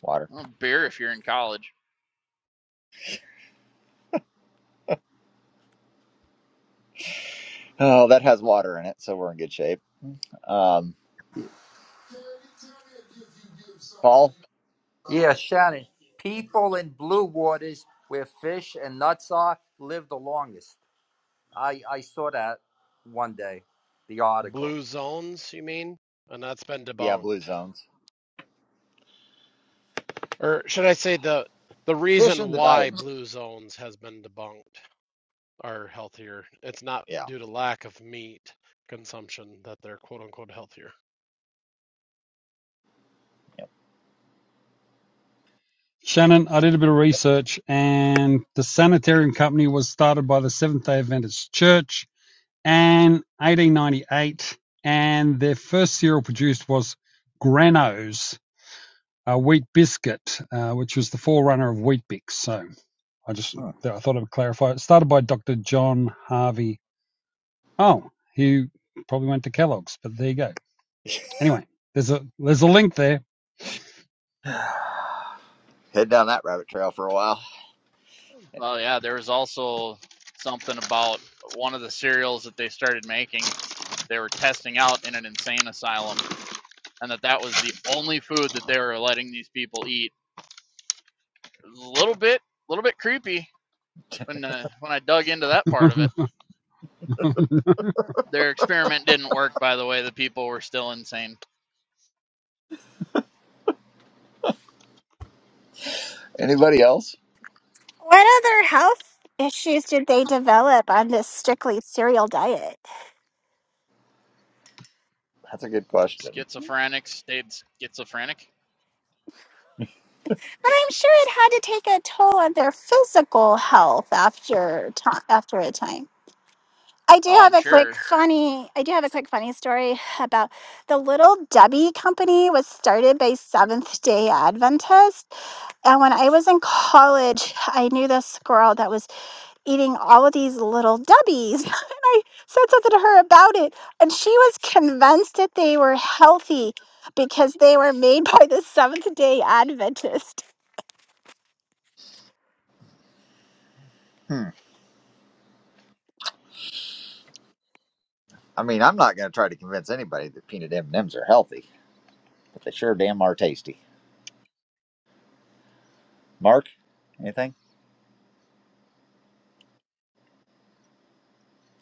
Speaker 1: Water.
Speaker 8: Well, beer if you're in college.
Speaker 1: Oh, that has water in it, so we're in good shape. Um, Paul,
Speaker 13: Yeah, Shannon. People in blue waters where fish and nuts are live the longest. I, I saw that one day, the article.
Speaker 3: Blue zones, you mean? And that's been
Speaker 1: yeah,
Speaker 3: debunked.
Speaker 1: blue zones.
Speaker 3: Or should I say the the
Speaker 1: Fish
Speaker 3: reason
Speaker 1: in the
Speaker 3: why
Speaker 1: diet.
Speaker 3: blue zones has been debunked are healthier. It's not
Speaker 1: Yeah.
Speaker 3: due to lack of meat consumption that they're quote unquote healthier.
Speaker 1: Yep.
Speaker 12: Shannon, I did a bit of research, and the Sanitarian company was started by the Seventh Day Adventist Church and 1898. And their first cereal produced was Granos, a wheat biscuit, uh, which was the forerunner of Wheat Bix. So I just
Speaker 1: Hmm.
Speaker 12: I thought I would clarify. It started by Dr. John Harvey. Oh, he probably went to Kellogg's, but there you go. Anyway, there's a there's a link there.
Speaker 1: (laughs) Head down that rabbit trail for a while.
Speaker 8: Well, yeah, there was also something about one of the cereals that they started making. They were testing out in an insane asylum and that that was the only food that they were letting these people eat. It was a little bit, a little bit creepy when uh, when I dug into that
Speaker 12: (laughs)
Speaker 8: part of it.
Speaker 12: I-
Speaker 8: Their experiment didn't work, by the way. The people were still insane.
Speaker 1: Anybody else?
Speaker 11: What other health issues did they develop on this strictly cereal diet?
Speaker 1: That's a good question.
Speaker 8: Schizophrenics stayed schizophrenic.
Speaker 11: But I'm sure it had to take a toll on their physical health after ti after a time. I do
Speaker 8: Oh,
Speaker 11: have
Speaker 8: I'm
Speaker 11: a quick
Speaker 8: sure.
Speaker 11: funny. I do have a quick funny story about the Little Debbie company was started by Seventh Day Adventists. And when I was in college, I knew this girl that was eating all of these Little Debbies, (laughs) and I said something to her about it, and she was convinced that they were healthy because they were made by the Seventh Day Adventist.
Speaker 1: Hmm. I mean, I'm not going to try to convince anybody that peanut M&Ms are healthy, but they sure damn are tasty. Mark, anything?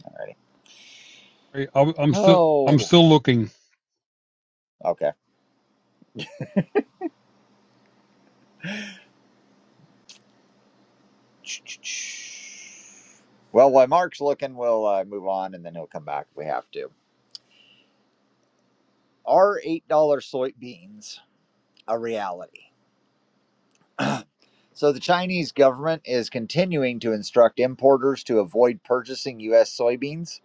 Speaker 1: Alrighty.
Speaker 12: am still I'm
Speaker 1: Oh.
Speaker 12: still looking.
Speaker 1: Okay. (sniffs) Well, while Mark's looking, we'll uh, move on, and then he'll come back if we have to. Our eight dollar soybeans. a reality. (clears throat) So the Chinese government is continuing to instruct importers to avoid purchasing U.S. soybeans.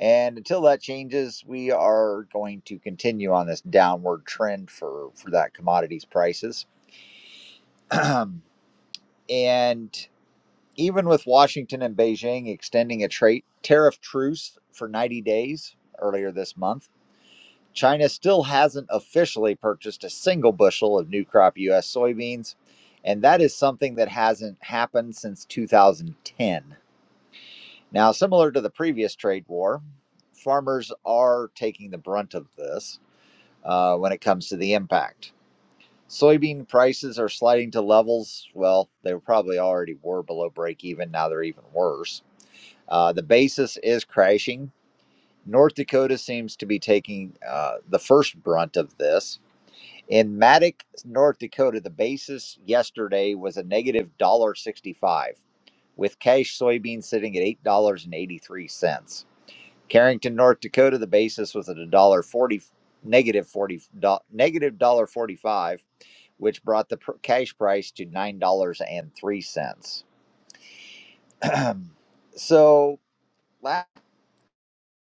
Speaker 1: And until that changes, we are going to continue on this downward trend for, for that commodities prices. (clears throat) and even with Washington and Beijing extending a trade tariff truce for 90 days earlier this month, China still hasn't officially purchased a single bushel of new crop U.S. soybeans, and that is something that hasn't happened since 2010. Now, similar to the previous trade war, farmers are taking the brunt of this uh, when it comes to the impact. Soybean prices are sliding to levels, well, they probably already were below break even. Now they're even worse. Uh, the basis is crashing. North Dakota seems to be taking uh, the first brunt of this In Matic, North Dakota, the basis yesterday was a negative one dollar sixty-five, with cash soybean sitting at eight dollars and eighty-three cents. Carrington, North Dakota, the basis was at a dollar forty, negative forty, negative dollar forty-five, which brought the pr- cash price to nine dollars and three cents. (clears throat) so. last.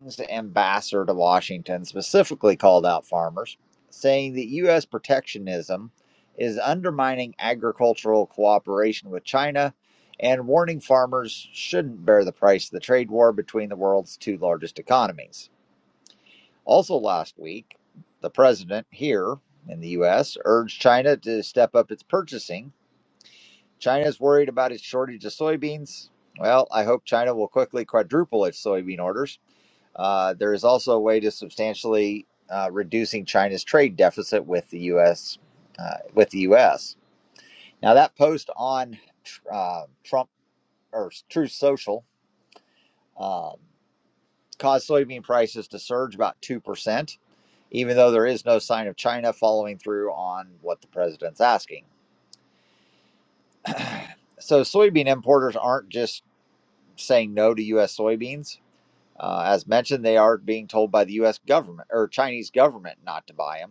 Speaker 1: The ambassador to Washington specifically called out farmers, saying that U.S. protectionism is undermining agricultural cooperation with China and warning farmers shouldn't bear the price of the trade war between the world's two largest economies. Also, last week, the president here in the U.S. urged China to step up its purchasing. China is worried about its shortage of soybeans. Well, I hope China will quickly quadruple its soybean orders uh, there is also a way to substantially uh, reducing China's trade deficit with the U.S. Uh, with the U.S. Now that post on uh, Trump or Truth Social um, caused soybean prices to surge about two percent, even though there is no sign of China following through on what the president's asking. So soybean importers aren't just saying no to U.S. soybeans. Uh, as mentioned, they are being told by the U.S. government or Chinese government not to buy them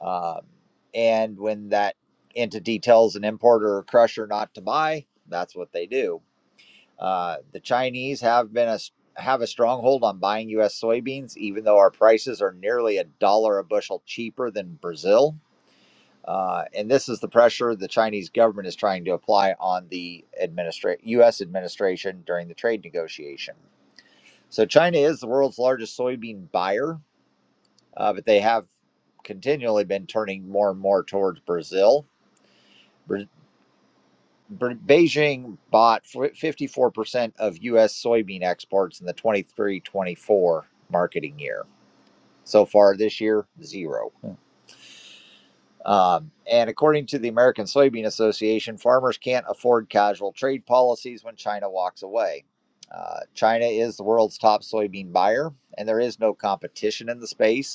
Speaker 1: Um, and when that entity tells an importer or crusher not to buy, that's what they do. Uh, the Chinese have been a s- have a stronghold on buying U.S. soybeans, even though our prices are nearly a dollar a bushel cheaper than Brazil. Uh, and this is the pressure the Chinese government is trying to apply on the administra- U.S. administration during the trade negotiation. So China is the world's largest soybean buyer, uh, but they have continually been turning more and more towards Brazil Ber- Ber- Beijing bought 54% of U.S. soybean exports in the 23 24 marketing year. So far this year, zero. Yeah. Um, and according to the American Soybean Association, farmers can't afford casual trade policies when China walks away. Uh, China is the world's top soybean buyer, and there is no competition in the space.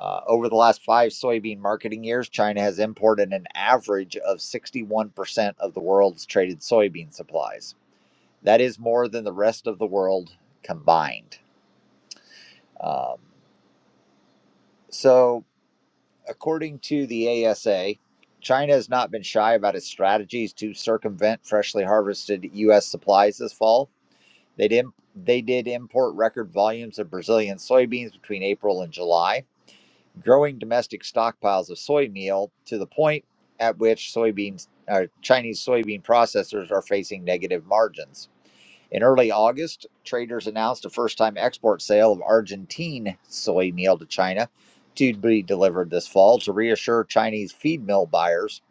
Speaker 1: Uh, over the last five soybean marketing years, China has imported an average of 61% of the world's traded soybean supplies. That is more than the rest of the world combined. Um, so, according to the ASA, China has not been shy about its strategies to circumvent freshly harvested U.S. supplies this fall. They did, they did import record volumes of Brazilian soybeans between April and July growing domestic stockpiles of soy meal to the point at which soybeans or Chinese soybean processors are facing negative margins. In early August, traders announced a first time export sale of Argentine soy meal to China to be delivered this fall to reassure Chinese feed mill buyers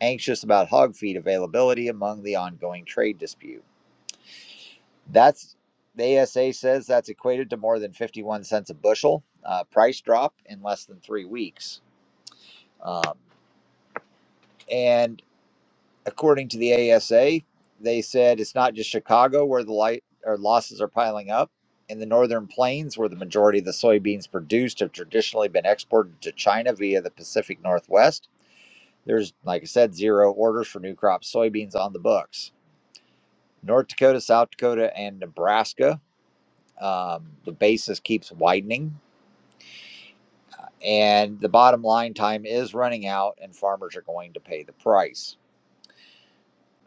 Speaker 1: anxious about hog feed availability among the ongoing trade dispute. That's the ASA says that's equated to more than 51 cents a bushel uh, price drop in less than three weeks. Um, and according to the ASA, they said it's not just Chicago where the light or losses are piling up. In the northern plains, where the majority of the soybeans produced have traditionally been exported to China via the Pacific Northwest, there's, like I said, zero orders for new crop soybeans on the books. North Dakota, South Dakota, and Nebraska, um, the basis keeps widening. And the bottom line time is running out, and farmers are going to pay the price.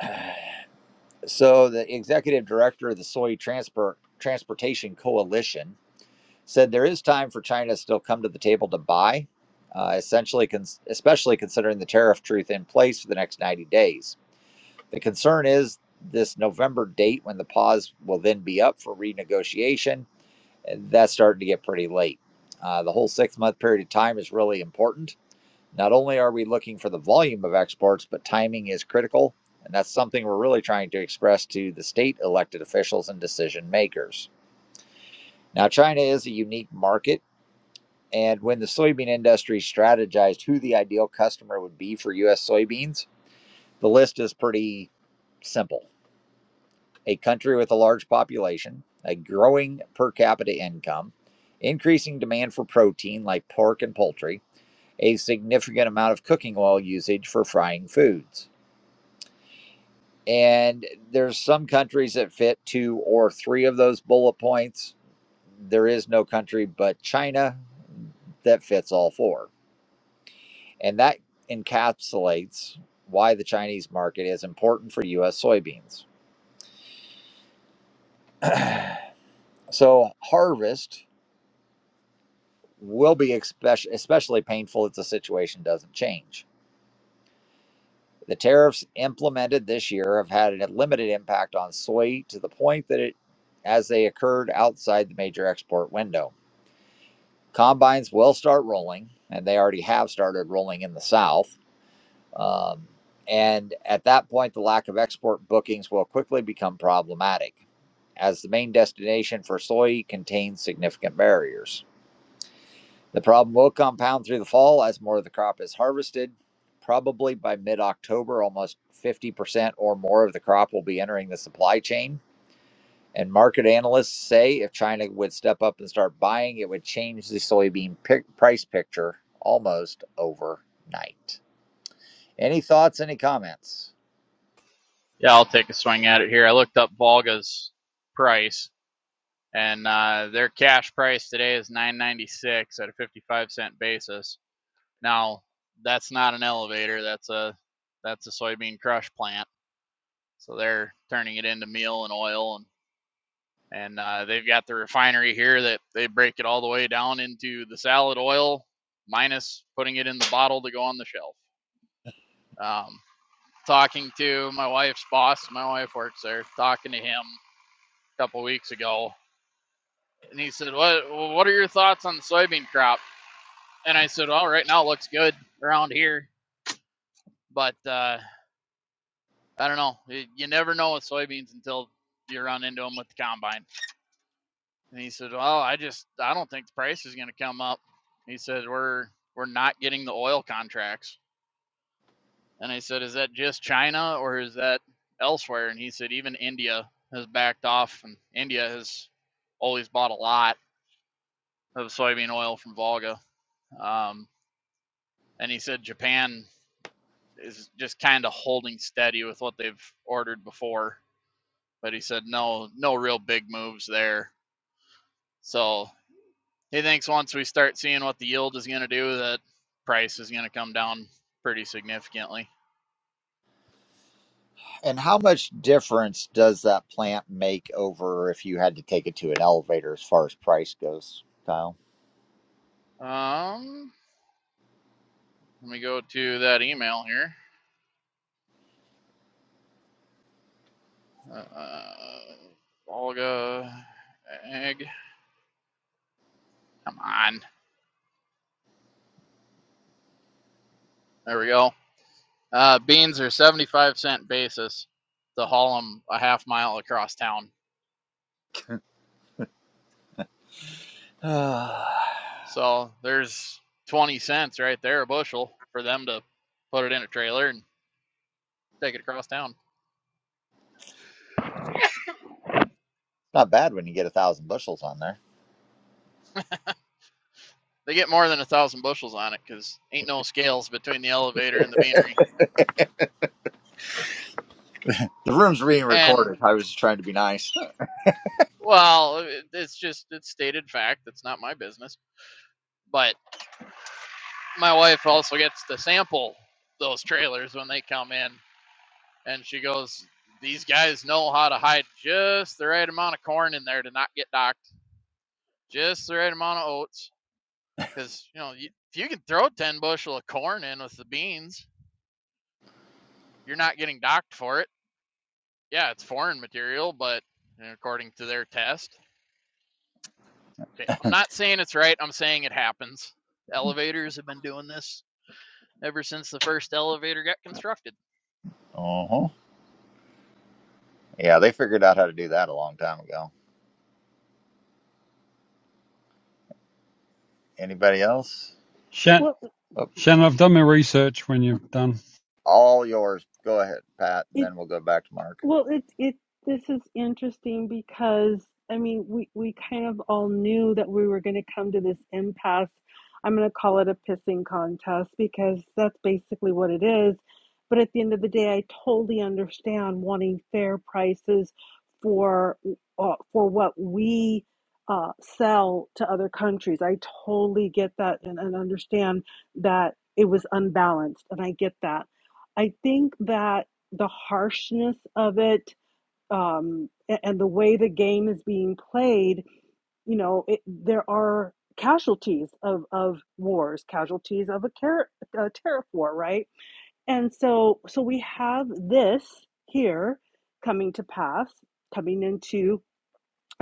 Speaker 1: (clears throat) So the executive director of the Soy Transport Transportation Coalition said there is time for China to still come to the table to buy, uh, essentially, cons- especially considering the tariff truth in place for the next 90 days. The concern is this November date when the pause will then be up for renegotiation. and That's starting to get pretty late. Uh, the whole six month period of time is really important not only are we looking for the volume of exports, but timing is critical. And that's something we're really trying to express to the state elected officials and decision makers. Now, China is a unique market. And when the soybean industry strategized who the ideal customer would be for U.S. soybeans, the list is pretty simple a country with a large population, a growing per capita income, increasing demand for protein like pork and poultry, a significant amount of cooking oil usage for frying foods. And there's some countries that fit two or three of those bullet points. There is no country but China that fits all four. And that encapsulates why the Chinese market is important for US soybeans. (clears throat) so, harvest will be especially painful if the situation doesn't change. The tariffs implemented this year have had a limited impact on soy to the point that it as they occurred outside the major export window. Combines will start rolling, and they already have started rolling in the South. Um, and at that point, the lack of export bookings will quickly become problematic, as the main destination for soy contains significant barriers. The problem will compound through the fall as more of the crop is harvested. Probably by mid October, almost 50% or more of the crop will be entering the supply chain and market analysts say if China would step up and start buying, it would change the soybean pic- price picture almost overnight. Any thoughts, any comments?
Speaker 8: Yeah, I'll take a swing at it here. I looked up Volga's price, and uh, their cash price today is 9.96 at a 55 cent basis. Now, that's not an elevator. That's a that's a soybean crush plant So they're turning it into meal and oil, and and uh, they've got the refinery here that they break it all the way down into the salad oil, minus putting it in the bottle to go on the shelf. Um, talking to my wife's boss, my wife works there. Talking to him a couple weeks ago, and he said, "What what are your thoughts on the soybean crop?" And I said, "Well, right now it looks good around here, but uh, I don't know. You you never know with soybeans until you run into them with the combine." And he said, "Well, I just I don't think the price is going to come up." He said, "We're we're not getting the oil contracts." And I said, "Is that just China or is that elsewhere?" And he said, "Even India has backed off, and India has always bought a lot of soybean oil from Volga." Um, and he said Japan is just kind of holding steady with what they've ordered before, but he said no no real big moves there. So He thinks once we start seeing what the yield is going to do, that price is going to come down pretty significantly.
Speaker 1: And how much difference does that plant make over if you had to take it to an elevator as far as price goes, Kyle?
Speaker 8: Um, let me go to that email here. Uh, Volga egg. Come on. There we go. Uh, beans are 75 cent basis to haul them a half mile across town.
Speaker 1: (sighs) Not
Speaker 8: So there's 20 cents right there a bushel for them to put it in a trailer and take it across town.
Speaker 1: bad when you get a thousand bushels on there.
Speaker 8: They get more than a thousand bushels on it because ain't no scales between the elevator and the beanery.
Speaker 1: The room's being
Speaker 8: And
Speaker 1: recorded. I was just trying to be nice. Uh
Speaker 8: well, it's just it's stated fact. It's not my business. But my wife also gets to sample those trailers when they come in, and she goes, "These guys know how to hide just the right amount of corn in there to not get docked, just the right amount of oats, because you know you, if you can throw ten bushel of corn in with the beans, you're not getting docked for it. Yeah, it's foreign material, but according to their test, I'm not saying it's right. I'm saying it happens. Elevators have been doing this ever since the first elevator got constructed.
Speaker 1: huh. Yeah, they figured out how to do that a long time ago. Anybody else?
Speaker 7: well,
Speaker 1: Oh,
Speaker 12: Shannon, I've done my research. When you've done.
Speaker 1: All yours. Go ahead, Pat, and
Speaker 7: it
Speaker 1: then we'll go back to Mark.
Speaker 7: Well, it it this is interesting because I mean we we kind of all knew that we were going to come to this impasse. I'm going to call it a pissing contest because that's basically what it is. But at the end of the day, I totally understand wanting fair prices for uh, for what we uh, sell to other countries. I totally get that and, and understand that it was unbalanced, and I get that. I think that the harshness of it um, and the way the game is being played, you know, it, there are casualties of, of wars, casualties of a, car- a tariff war, right? And so, so we have this here coming to pass, coming into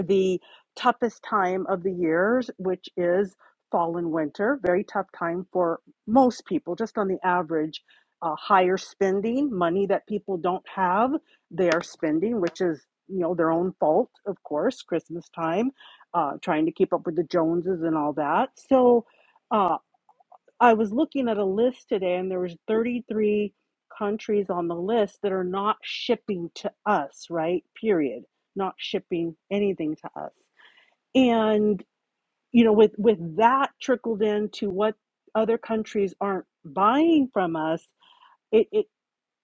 Speaker 7: the toughest time of the years, which is fall and winter. Very tough time for most people, just on the average. Uh, higher spending, money that people don't have, they are spending, which is you know their own fault, of course. Christmas time, uh, trying to keep up with the Joneses and all that. So. Uh, I was looking at a list today and there was 33 countries on the list that are not shipping to us, right? Period. Not shipping anything to us. And you know, with with that trickled into what other countries aren't buying from us, it, it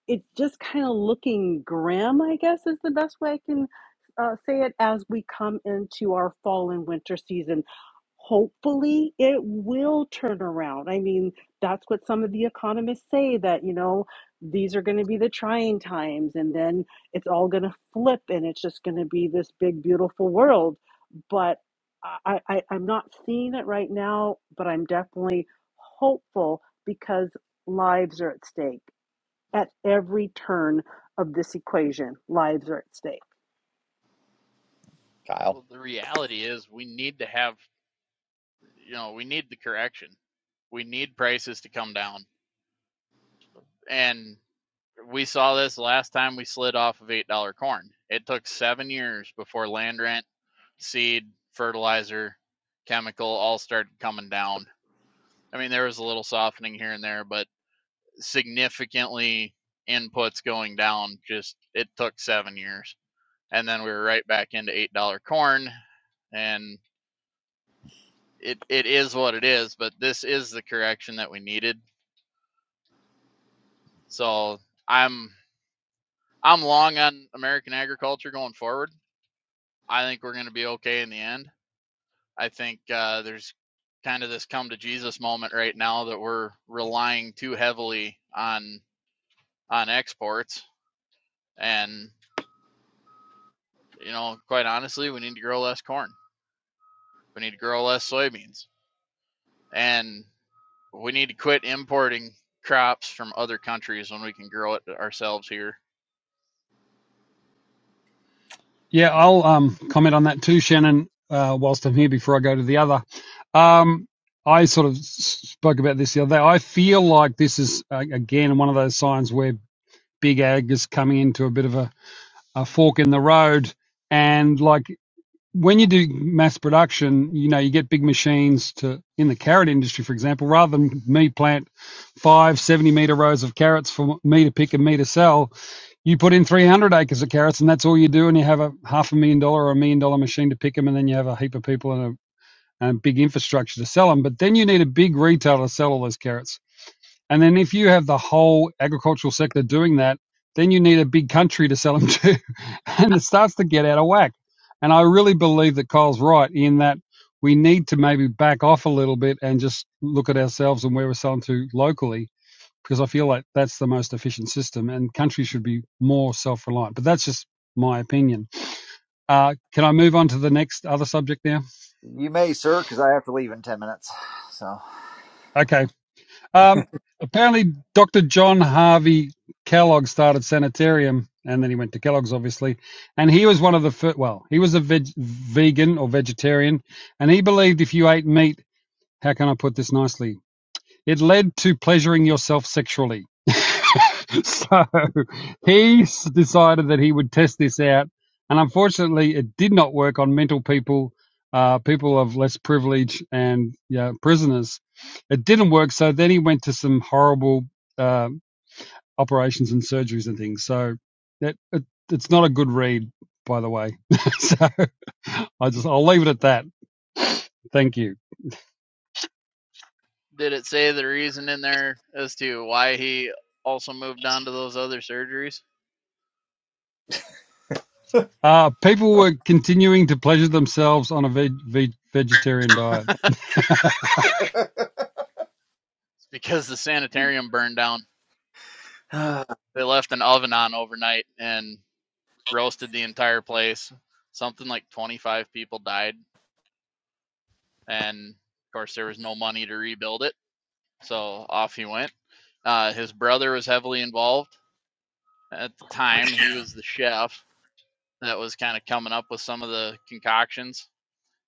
Speaker 7: it's just kind of looking grim, I guess is the best way I can uh, say it as we come into our fall and winter season. Hopefully, it will turn around. I mean, that's what some of the economists say that, you know, these are going to be the trying times and then it's all going to flip and it's just going to be this big, beautiful world. But I, I, I'm not seeing it right now, but I'm definitely hopeful because lives are at stake at every turn of this equation, lives are at stake.
Speaker 1: Kyle.
Speaker 8: Well, the reality is we need to have, you know, we need the correction. We need prices to come down. And we saw this last time we slid off of $8 corn. It took seven years before land rent, seed, fertilizer, chemical all started coming down. I mean, there was a little softening here and there, but significantly inputs going down. Just it took seven years, and then we were right back into eight dollar corn, and it it is what it is. But this is the correction that we needed. So I'm I'm long on American agriculture going forward. I think we're going to be okay in the end. I think uh, there's kind of this come to Jesus moment right now that we're relying too heavily on on exports, and you know, quite honestly, we need to grow less corn. We need to grow less soybeans. And we need to quit importing crops from other countries when we can grow it ourselves here.
Speaker 12: Yeah, I'll um, comment on that too, Shannon, uh, whilst I'm here before I go to the other. Um, I sort of spoke about this the other day. I feel like this is, uh, again, one of those signs where big ag is coming into a bit of a, a fork in the road. And like when you do mass production, you know, you get big machines to in the carrot industry, for example, rather than me plant five seventy meter rows of carrots for me to pick and me to sell, you put in 300 acres of carrots and that's all you do. And you have a half a million dollar or a million dollar machine to pick them. And then you have a heap of people and a, and a big infrastructure to sell them. But then you need a big retailer to sell all those carrots. And then if you have the whole agricultural sector doing that, then you need a big country to sell them to. (laughs) and it starts to get out of whack. And I really believe that Kyle's right in that we need to maybe back off a little bit and just look at ourselves and where we're selling to locally, because I feel like that's the most efficient system and countries should be more self reliant. But that's just my opinion. Uh, can I move on to the next other subject now?
Speaker 1: You may, sir, because I have to leave in 10 minutes. So,
Speaker 12: Okay. Um, apparently, Dr. John Harvey Kellogg started Sanitarium, and then he went to Kellogg's, obviously. And he was one of the first, well, he was a veg- vegan or vegetarian, and he believed if you ate meat, how can I put this nicely? It led to pleasuring yourself sexually. (laughs) so he decided that he would test this out, and unfortunately, it did not work on mental people, uh, people of less privilege, and yeah, prisoners. It didn't work, so then he went to some horrible uh, operations and surgeries and things. So that it, it's not a good read, by the way. (laughs) so I just I'll leave it at that. Thank you.
Speaker 8: Did it say the reason in there as to why he also moved on to those other surgeries?
Speaker 12: Uh, people were continuing to pleasure themselves on a veg- veg- vegetarian diet.
Speaker 8: It's because the sanitarium burned down. They left an oven on overnight and roasted the entire place. Something like 25 people died. And of course, there was no money to rebuild it. So off he went. Uh, his brother was heavily involved at the time. He was the chef that was kind of coming up with some of the concoctions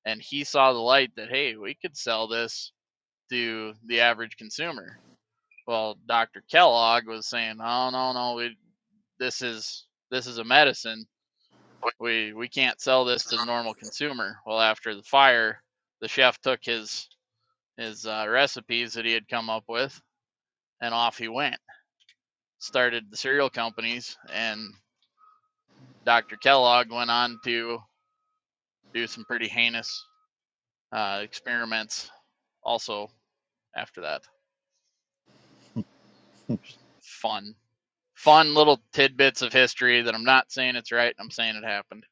Speaker 8: and he saw the light that hey we could sell this to the average consumer well dr kellogg was saying oh no no we, this is this is a medicine we we can't sell this to the normal consumer well after the fire the chef took his his uh, recipes that he had come up with and off he went started the cereal companies and dr kellogg went on to do some pretty heinous uh, experiments also after that. Fun. Fun little tidbits of history that I'm not saying it's right, I'm saying it happened.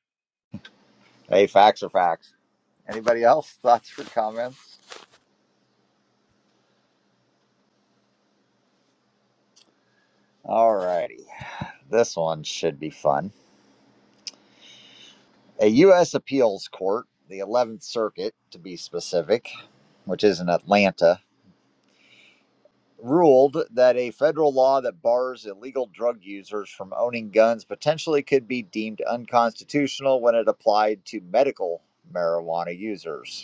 Speaker 1: Hey, facts are facts. Anybody else? (laughs) Thoughts or comments? All righty. This one should be fun. A U.S. appeals court, the 11th Circuit to be specific, which is in Atlanta, ruled that a federal law that bars illegal drug users from owning guns potentially could be deemed unconstitutional when it applied to medical marijuana users.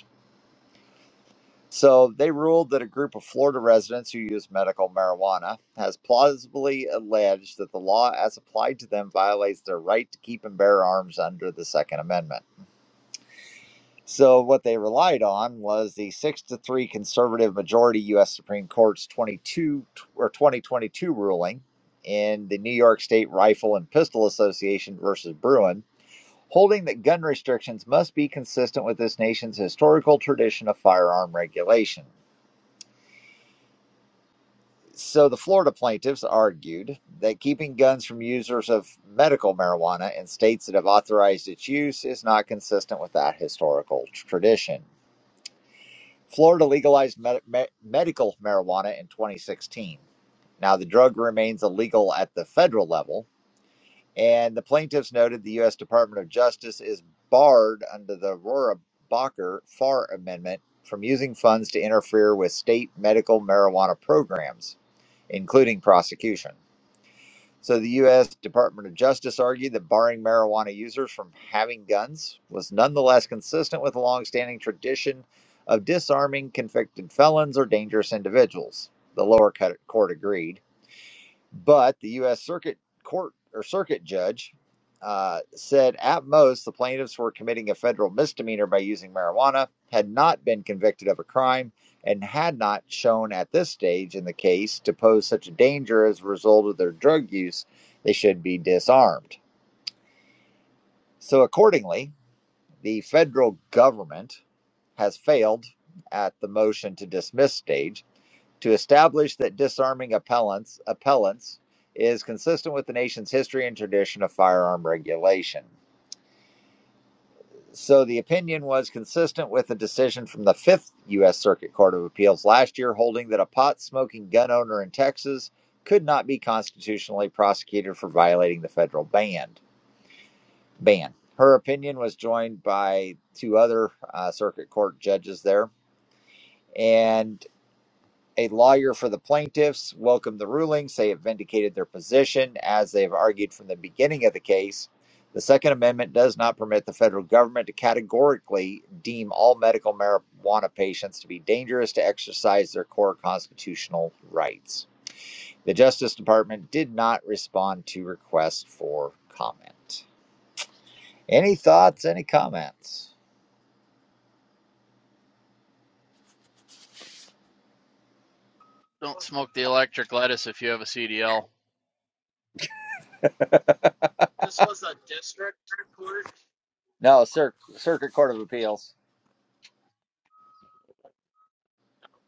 Speaker 1: So they ruled that a group of Florida residents who use medical marijuana has plausibly alleged that the law as applied to them violates their right to keep and bear arms under the Second Amendment. So what they relied on was the 6 to 3 conservative majority US Supreme Court's 22 or 2022 ruling in the New York State Rifle and Pistol Association versus Bruin, holding that gun restrictions must be consistent with this nation's historical tradition of firearm regulation. So the Florida plaintiffs argued that keeping guns from users of medical marijuana in states that have authorized its use is not consistent with that historical tradition. Florida legalized med- me- medical marijuana in 2016. Now, the drug remains illegal at the federal level, and the plaintiffs noted the U.S. Department of Justice is barred under the Aurora Bacher Farr Amendment from using funds to interfere with state medical marijuana programs, including prosecution. So the U.S. Department of Justice argued that barring marijuana users from having guns was nonetheless consistent with the longstanding tradition of disarming convicted felons or dangerous individuals. The lower court agreed. But the U.S. Circuit Court or Circuit Judge uh, said at most the plaintiffs were committing a federal misdemeanor by using marijuana, had not been convicted of a crime, and had not shown at this stage in the case to pose such a danger as a result of their drug use, they should be disarmed. So, accordingly, the federal government has failed at the motion to dismiss stage to establish that disarming appellants, appellants is consistent with the nation's history and tradition of firearm regulation. So the opinion was consistent with a decision from the Fifth U.S. Circuit Court of Appeals last year, holding that a pot smoking gun owner in Texas could not be constitutionally prosecuted for violating the federal ban. Ban. Her opinion was joined by two other uh, circuit court judges there, and. A lawyer for the plaintiffs welcomed the ruling, say it vindicated their position as they have argued from the beginning of the case. The Second Amendment does not permit the federal government to categorically deem all medical marijuana patients to be dangerous to exercise their core constitutional rights. The Justice Department did not respond to requests for comment. Any thoughts, any comments?
Speaker 8: Don't smoke the electric lettuce if you have a CDL.
Speaker 1: No, Cir- Circuit Court of Appeals,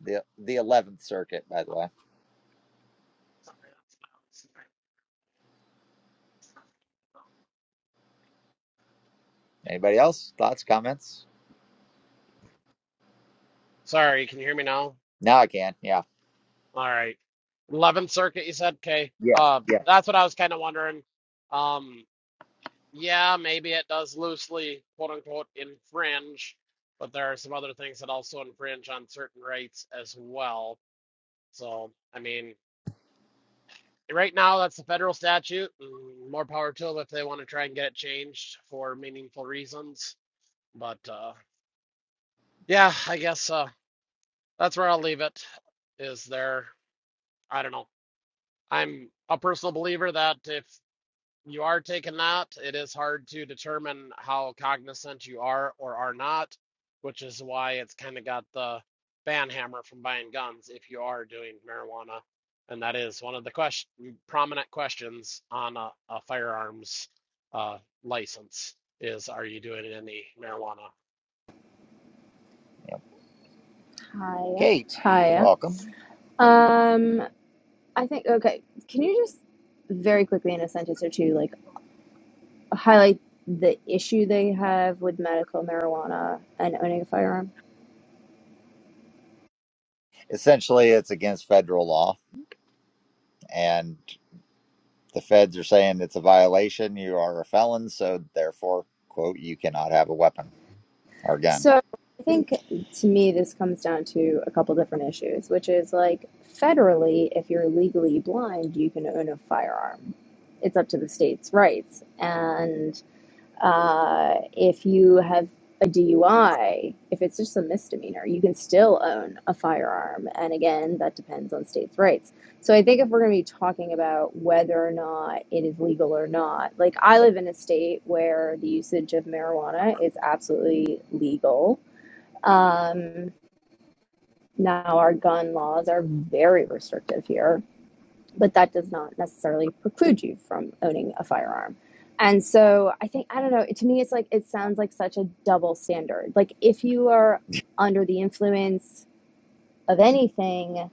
Speaker 1: the the 11th Circuit, by the way. Anybody else? Thoughts, comments?
Speaker 3: Sorry, can you hear me now?
Speaker 1: Now I can. Yeah.
Speaker 3: All right. 11th circuit you said okay
Speaker 1: Yes.
Speaker 3: uh
Speaker 1: Yeah.
Speaker 3: that's what i was kind of wondering um yeah, maybe it does loosely, quote unquote, infringe, but there are some other things that also infringe on certain rights as well. So, I mean, right now that's the federal statute, and more power to them if they want to try and get it changed for meaningful reasons. But uh, yeah, I guess uh, that's where I'll leave it. Is there, I don't know. I'm a personal believer that if you are taken that. it is hard to determine how cognizant you are or are not, which is why it's kind of got the ban hammer from buying guns if you are doing marijuana. And that is one of the question, prominent questions on a, a firearms uh, license is, are you doing any marijuana?
Speaker 14: Hiya.
Speaker 1: Kate,
Speaker 14: Hiya.
Speaker 1: welcome.
Speaker 14: Um, I think, okay, can you just very quickly in a sentence or two, like, highlight the issue they have with medical marijuana and owning a firearm?
Speaker 1: Essentially, it's against federal law, and the feds are saying it's a violation. You are a felon, so therefore, quote, you cannot have a weapon or gun,
Speaker 14: So, I think to me, this comes down to a couple different issues, which is like, federally, if you're legally blind, you can own a firearm. It's up to the state's rights. And Uh, if you have a DUI, if it's just a misdemeanor, you can still own a firearm. And again, that depends on states' rights. So I think if we're going to be talking about whether or not it is legal or not, like I live in a state where the usage of marijuana is absolutely legal. Um, now, our gun laws are very restrictive here but that does not necessarily preclude you from owning a firearm. And so I think I don't know, to me it's like it sounds like such a double standard. Like if you are under the influence of anything,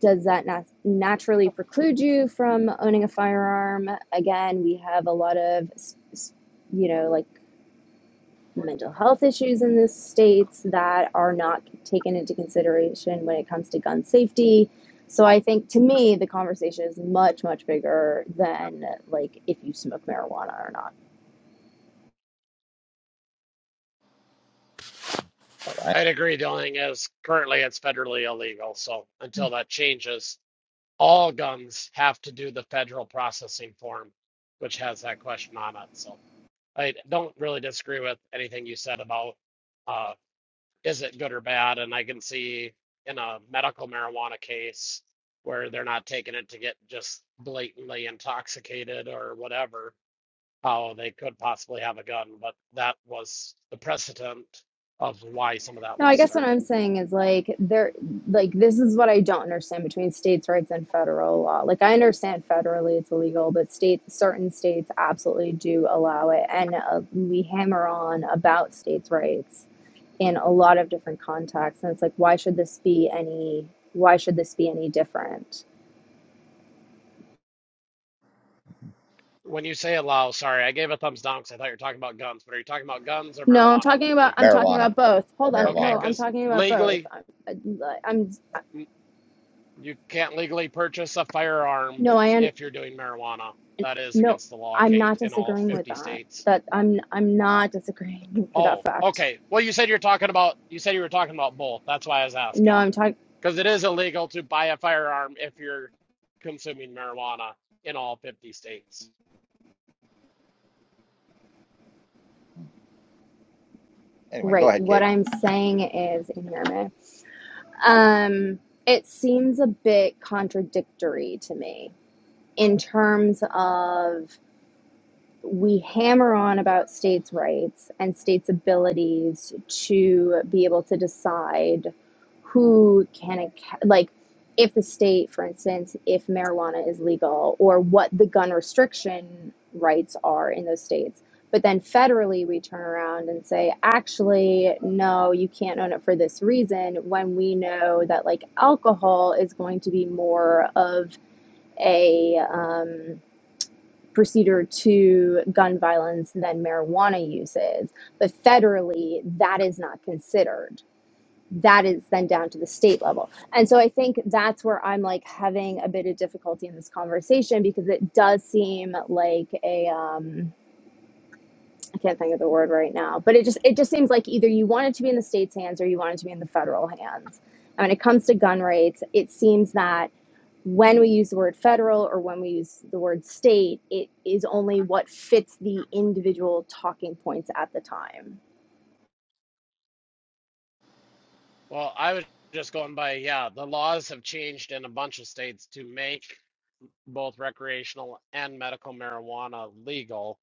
Speaker 14: does that nat- naturally preclude you from owning a firearm? Again, we have a lot of you know, like mental health issues in the states that are not taken into consideration when it comes to gun safety. So I think to me the conversation is much much bigger than like if you smoke marijuana or not.
Speaker 3: Uh,
Speaker 1: right?
Speaker 3: I'd agree. The only thing is currently it's federally illegal. So until that changes, all guns have to do the federal processing form, which has that question on it. So I don't really disagree with anything you said about uh, is it good or bad? And I can see in a medical marijuana case where they're not taking it to get just blatantly intoxicated or whatever, how they could possibly have a gun. But that was the precedent of why some of that
Speaker 14: No,
Speaker 3: was
Speaker 14: I guess what
Speaker 3: started.
Speaker 14: I'm saying is like there like this is what I don't understand between states' rights and federal law. Like I understand federally it's illegal, but state certain states absolutely do allow it and uh, we hammer on about states' rights in a lot of different contexts and it's like why should this be any why should this be any different?
Speaker 3: When you say allow, sorry, I gave a thumbs down because I thought you were talking about guns, but are you talking about guns or
Speaker 14: No, I'm
Speaker 3: marijuana
Speaker 14: talking about I'm
Speaker 3: legally?
Speaker 14: talking
Speaker 1: Marijuana.
Speaker 14: about both. Hold on.
Speaker 3: Okay,
Speaker 14: No,
Speaker 1: Marijuana.
Speaker 14: I'm
Speaker 1: bro.
Speaker 3: because
Speaker 14: talking about both.
Speaker 3: legally,
Speaker 14: I'm, I'm
Speaker 3: n- you can't legally purchase a firearm
Speaker 14: no, I un-
Speaker 3: if you're doing marijuana. That is
Speaker 14: No,
Speaker 3: against the law,
Speaker 14: I'm
Speaker 3: Kate,
Speaker 14: not
Speaker 3: in all
Speaker 14: disagreeing with
Speaker 3: 50
Speaker 14: that.
Speaker 3: states.
Speaker 14: That I'm I'm not disagreeing (laughs) with that
Speaker 3: Oh,
Speaker 14: fact.
Speaker 3: okay. Well, you said you're talking about, you said you were talking about both. That's why I was
Speaker 14: No,
Speaker 3: asking.
Speaker 14: I'm talking
Speaker 3: Because it is illegal to buy a firearm if you're consuming marijuana in all 50 states.
Speaker 1: Anyway, go
Speaker 14: right.
Speaker 1: ahead,
Speaker 14: What
Speaker 1: Kate.
Speaker 14: I'm saying is, and hear me. Um, it seems a bit contradictory to me in terms of we hammer on about states' rights and states' abilities to be able to decide who can, ac- like, if the state, for instance, if marijuana is legal or what the gun restriction rights are in those states. But then federally, we turn around and say, actually, no, you can't own it for this reason when we know that, like, alcohol is going to be more of a. um, procedure to gun violence than marijuana use is. But federally, that is not considered. That is then down to the state level. And so I think that's where I'm like having a bit of difficulty in this conversation because it does seem like a um I can't think of the word right now, but it just it just seems like either you want it to be in the state's hands or you want it to be in the federal hands. And when it comes to gun rates, it seems that when we use the word federal or when we use the word state, it is only what fits the individual talking points at the time.
Speaker 3: Well, I was just going by, yeah, the laws have changed in a bunch of states to make both recreational and medical marijuana legal,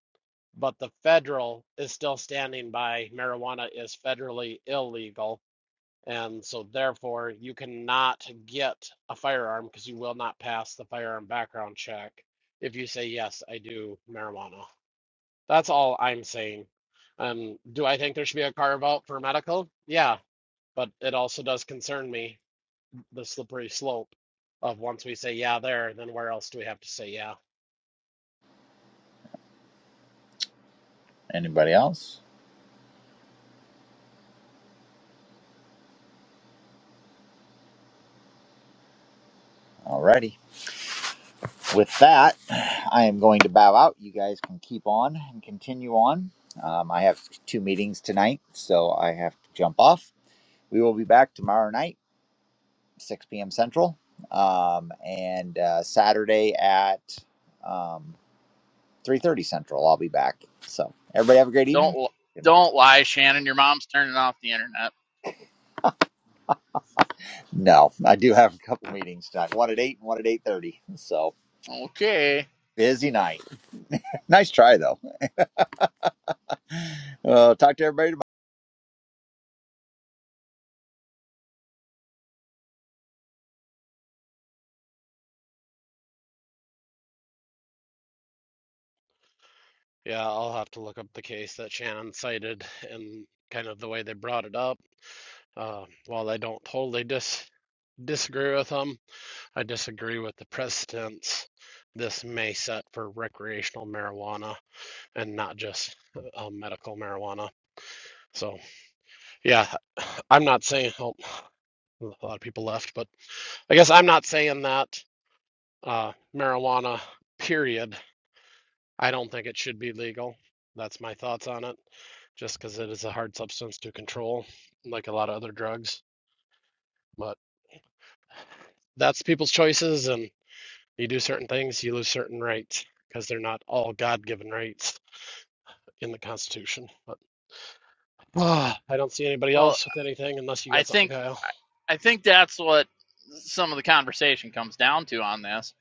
Speaker 3: but the federal is still standing by marijuana is federally illegal. And so, therefore, you cannot get a firearm because you will not pass the firearm background check if you say, Yes, I do marijuana. That's all I'm saying. Um, do I think there should be a carve out for medical? Yeah, but it also does concern me the slippery slope of once we say, Yeah, there, then where else do we have to say, Yeah?
Speaker 1: Anybody else? Alrighty. With that, I am going to bow out. You guys can keep on and continue on. Um, I have two meetings tonight, so I have to jump off. We will be back tomorrow night. 6 p.m. Central, um, and uh, Saturday at um, 3:30 Central. I'll be back. So everybody have a great evening.
Speaker 8: Don't don't lie, Shannon. Your mom's turning off the internet.
Speaker 1: No, I do have a couple meetings tonight. One at eight and one at 8:30. So
Speaker 8: Okay.
Speaker 1: busy night. Nice try though. Uh, talk to everybody tomorrow.
Speaker 3: Yeah, I'll have to look up the case that Shannon cited and kind of the way they brought it up. Uh, while I don't totally dis disagree with them, I disagree with the precedents this may set for recreational marijuana and not just uh, medical marijuana. So, yeah, (sighs) I'm not saying oh, a lot of people left, but I guess I'm not saying that uh, marijuana, period. I don't think it should be legal. That's my thoughts on it, just because it is a hard substance to control, like a lot of other drugs. But that's people's choices, and you do certain things, you lose certain rights, because they're not all God-given rights in the Constitution. But (sighs) ah, I don't see anybody
Speaker 8: Well,
Speaker 3: else with anything unless you
Speaker 8: I
Speaker 3: got something,
Speaker 8: think
Speaker 3: Kyle.
Speaker 8: I think that's what some of the conversation comes down to on this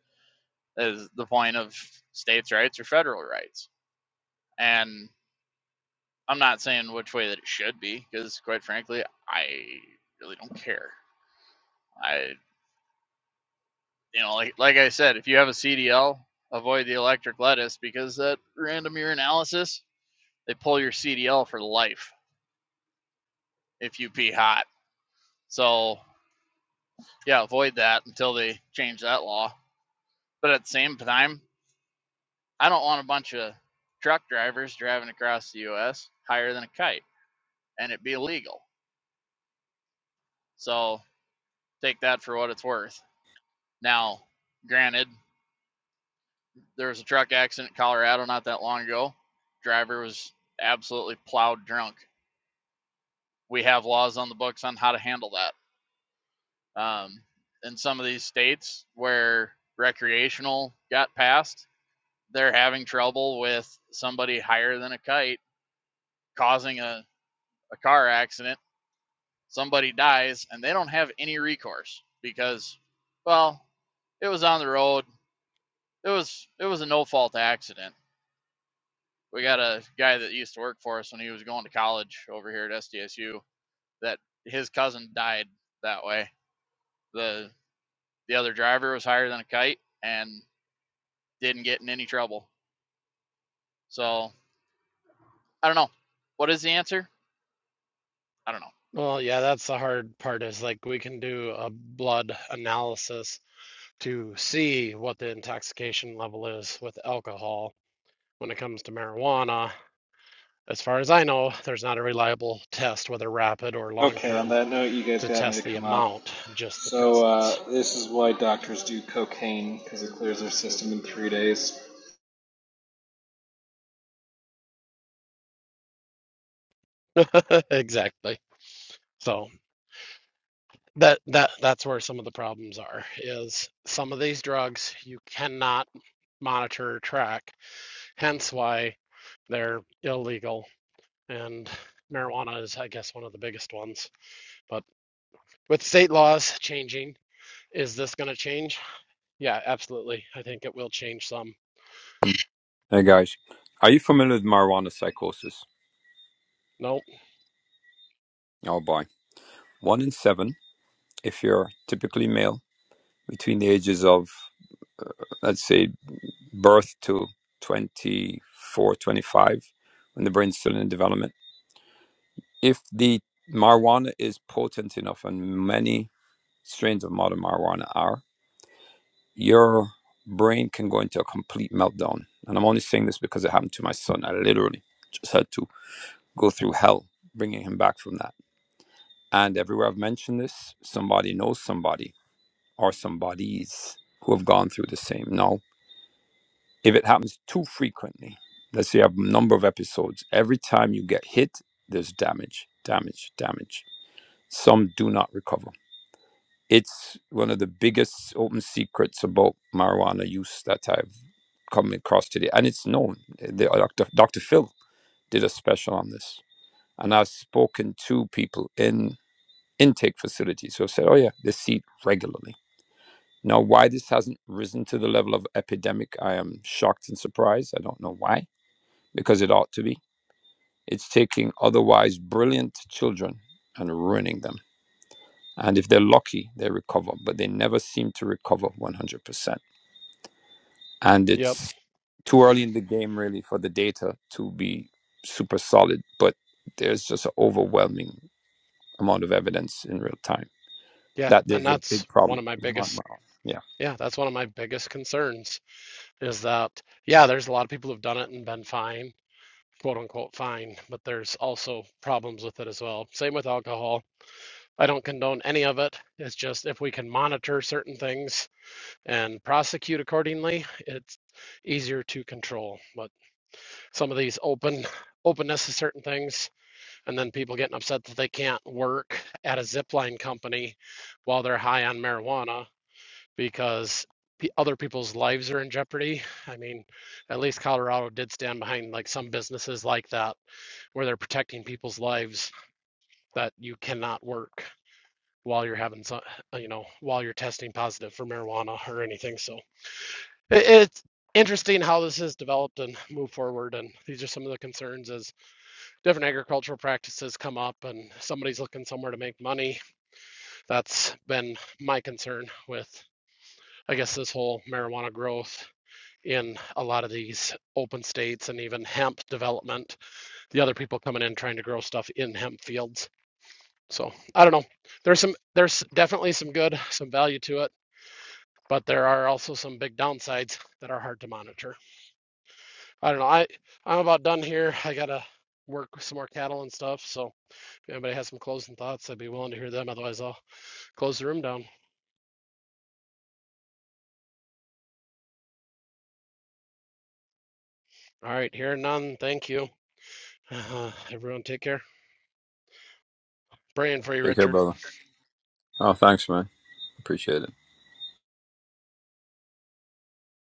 Speaker 8: is the point of states' rights or federal rights. And I'm not saying which way that it should be because, quite frankly, I really don't care. I you know, like like I said, if you have a CDL, avoid the electric lettuce because that random urinalysis, they pull your CDL for life if you pee hot. So yeah, avoid that until they change that law. But at the same time, I don't want a bunch of truck drivers driving across the U.S. higher than a kite and it be illegal. So take that for what it's worth. Now, granted, there was a truck accident in Colorado not that long ago. Driver was absolutely plowed drunk we have laws on the books on how to handle that. Um, in some of these states where recreational got passed, they're having trouble with somebody higher than a kite causing a, a car accident. Somebody dies and they don't have any recourse because, well, it was on the road. It was it was a no fault accident. We got a guy that used to work for us when he was going to college over here at SDSU that his cousin died that way. The the other driver was higher than a kite and didn't get in any trouble. So I don't know. What is the answer? I don't know.
Speaker 3: Well, yeah, that's the hard part is like we can do a blood analysis to see what the intoxication level is with alcohol when it comes to marijuana. As far as I know, there's not a reliable test, whether rapid or long
Speaker 15: Okay, on
Speaker 3: term,
Speaker 15: that note, you guys
Speaker 3: to
Speaker 15: got me to
Speaker 3: test the
Speaker 15: come up.
Speaker 3: amount, just the
Speaker 15: So,
Speaker 3: presence.
Speaker 15: uh, this is why doctors do cocaine, because it clears their system in three days.
Speaker 3: (laughs) Exactly. So that that that's where some of the problems are, is some of these drugs you cannot monitor or track, hence why they're illegal. And marijuana is, I guess, one of the biggest ones. But with state laws changing, is this going to change? Yeah, absolutely. I think it will change some.
Speaker 16: Hey guys, are you familiar with marijuana psychosis?
Speaker 3: Nope.
Speaker 16: Oh boy. One in seven, if you're typically male, between the ages of, let's say, birth to twenty four, twenty five, when the brain's still in development. If the marijuana is potent enough, and many strains of modern marijuana are, your brain can go into a complete meltdown. And I'm only saying this because it happened to my son. I literally just had to go through hell bringing him back from that And everywhere I've mentioned this, somebody knows somebody or somebodies who have gone through the same. Now, if it happens too frequently, let's say I have a number of episodes, every time you get hit, there's damage, damage, damage. Some do not recover. It's one of the biggest open secrets about marijuana use that I've come across today. And it's known. The, Dr. Dr. Phil did a special on this. And I've spoken to people in intake facility. So I said, oh yeah, they see it regularly. Now, why this hasn't risen to the level of epidemic, I am shocked and surprised. I don't know why, because it ought to be. It's taking otherwise brilliant children and ruining them. And if they're lucky, they recover, but they never seem to recover 100%. And
Speaker 3: Yep.
Speaker 16: it's too early in the game, really, for the data to be super solid, but there's just an overwhelming amount of evidence in real time
Speaker 3: Yeah,
Speaker 16: that
Speaker 3: and
Speaker 16: there's a
Speaker 3: that's
Speaker 16: big
Speaker 3: one
Speaker 16: problem.
Speaker 3: of my biggest,
Speaker 16: Yeah
Speaker 3: yeah, that's one of my biggest concerns is that, yeah, there's a lot of people who've done it and been fine, quote unquote fine, but there's also problems with it as well. Same with alcohol. I don't condone any of it. It's just if we can monitor certain things and prosecute accordingly, it's easier to control. But some of these open openness to certain things and then people getting upset that they can't work at a zipline company while they're high on marijuana because other people's lives are in jeopardy. I mean, at least Colorado did stand behind like some businesses like that where they're protecting people's lives that you cannot work while you're having some, you know, while you're testing positive for marijuana or anything. So it, it's interesting how this has developed and moved forward. And these are some of the concerns as different agricultural practices come up and somebody's looking somewhere to make money. That's been my concern with, I guess, this whole marijuana growth in a lot of these open states and even hemp development. The other people coming in trying to grow stuff in hemp fields. So I don't know. There's some there's definitely some good, some value to it, but there are also some big downsides that are hard to monitor. I don't know. I I'm about done here. I gotta work with some more cattle and stuff. So if anybody has some closing thoughts, I'd be willing to hear them. Otherwise I'll close the room down. All right, here and none, thank you. (sighs) Uh, everyone take care. Praying for you,
Speaker 16: Take care,
Speaker 3: Richard.
Speaker 16: brother. Oh, thanks, man. Appreciate it.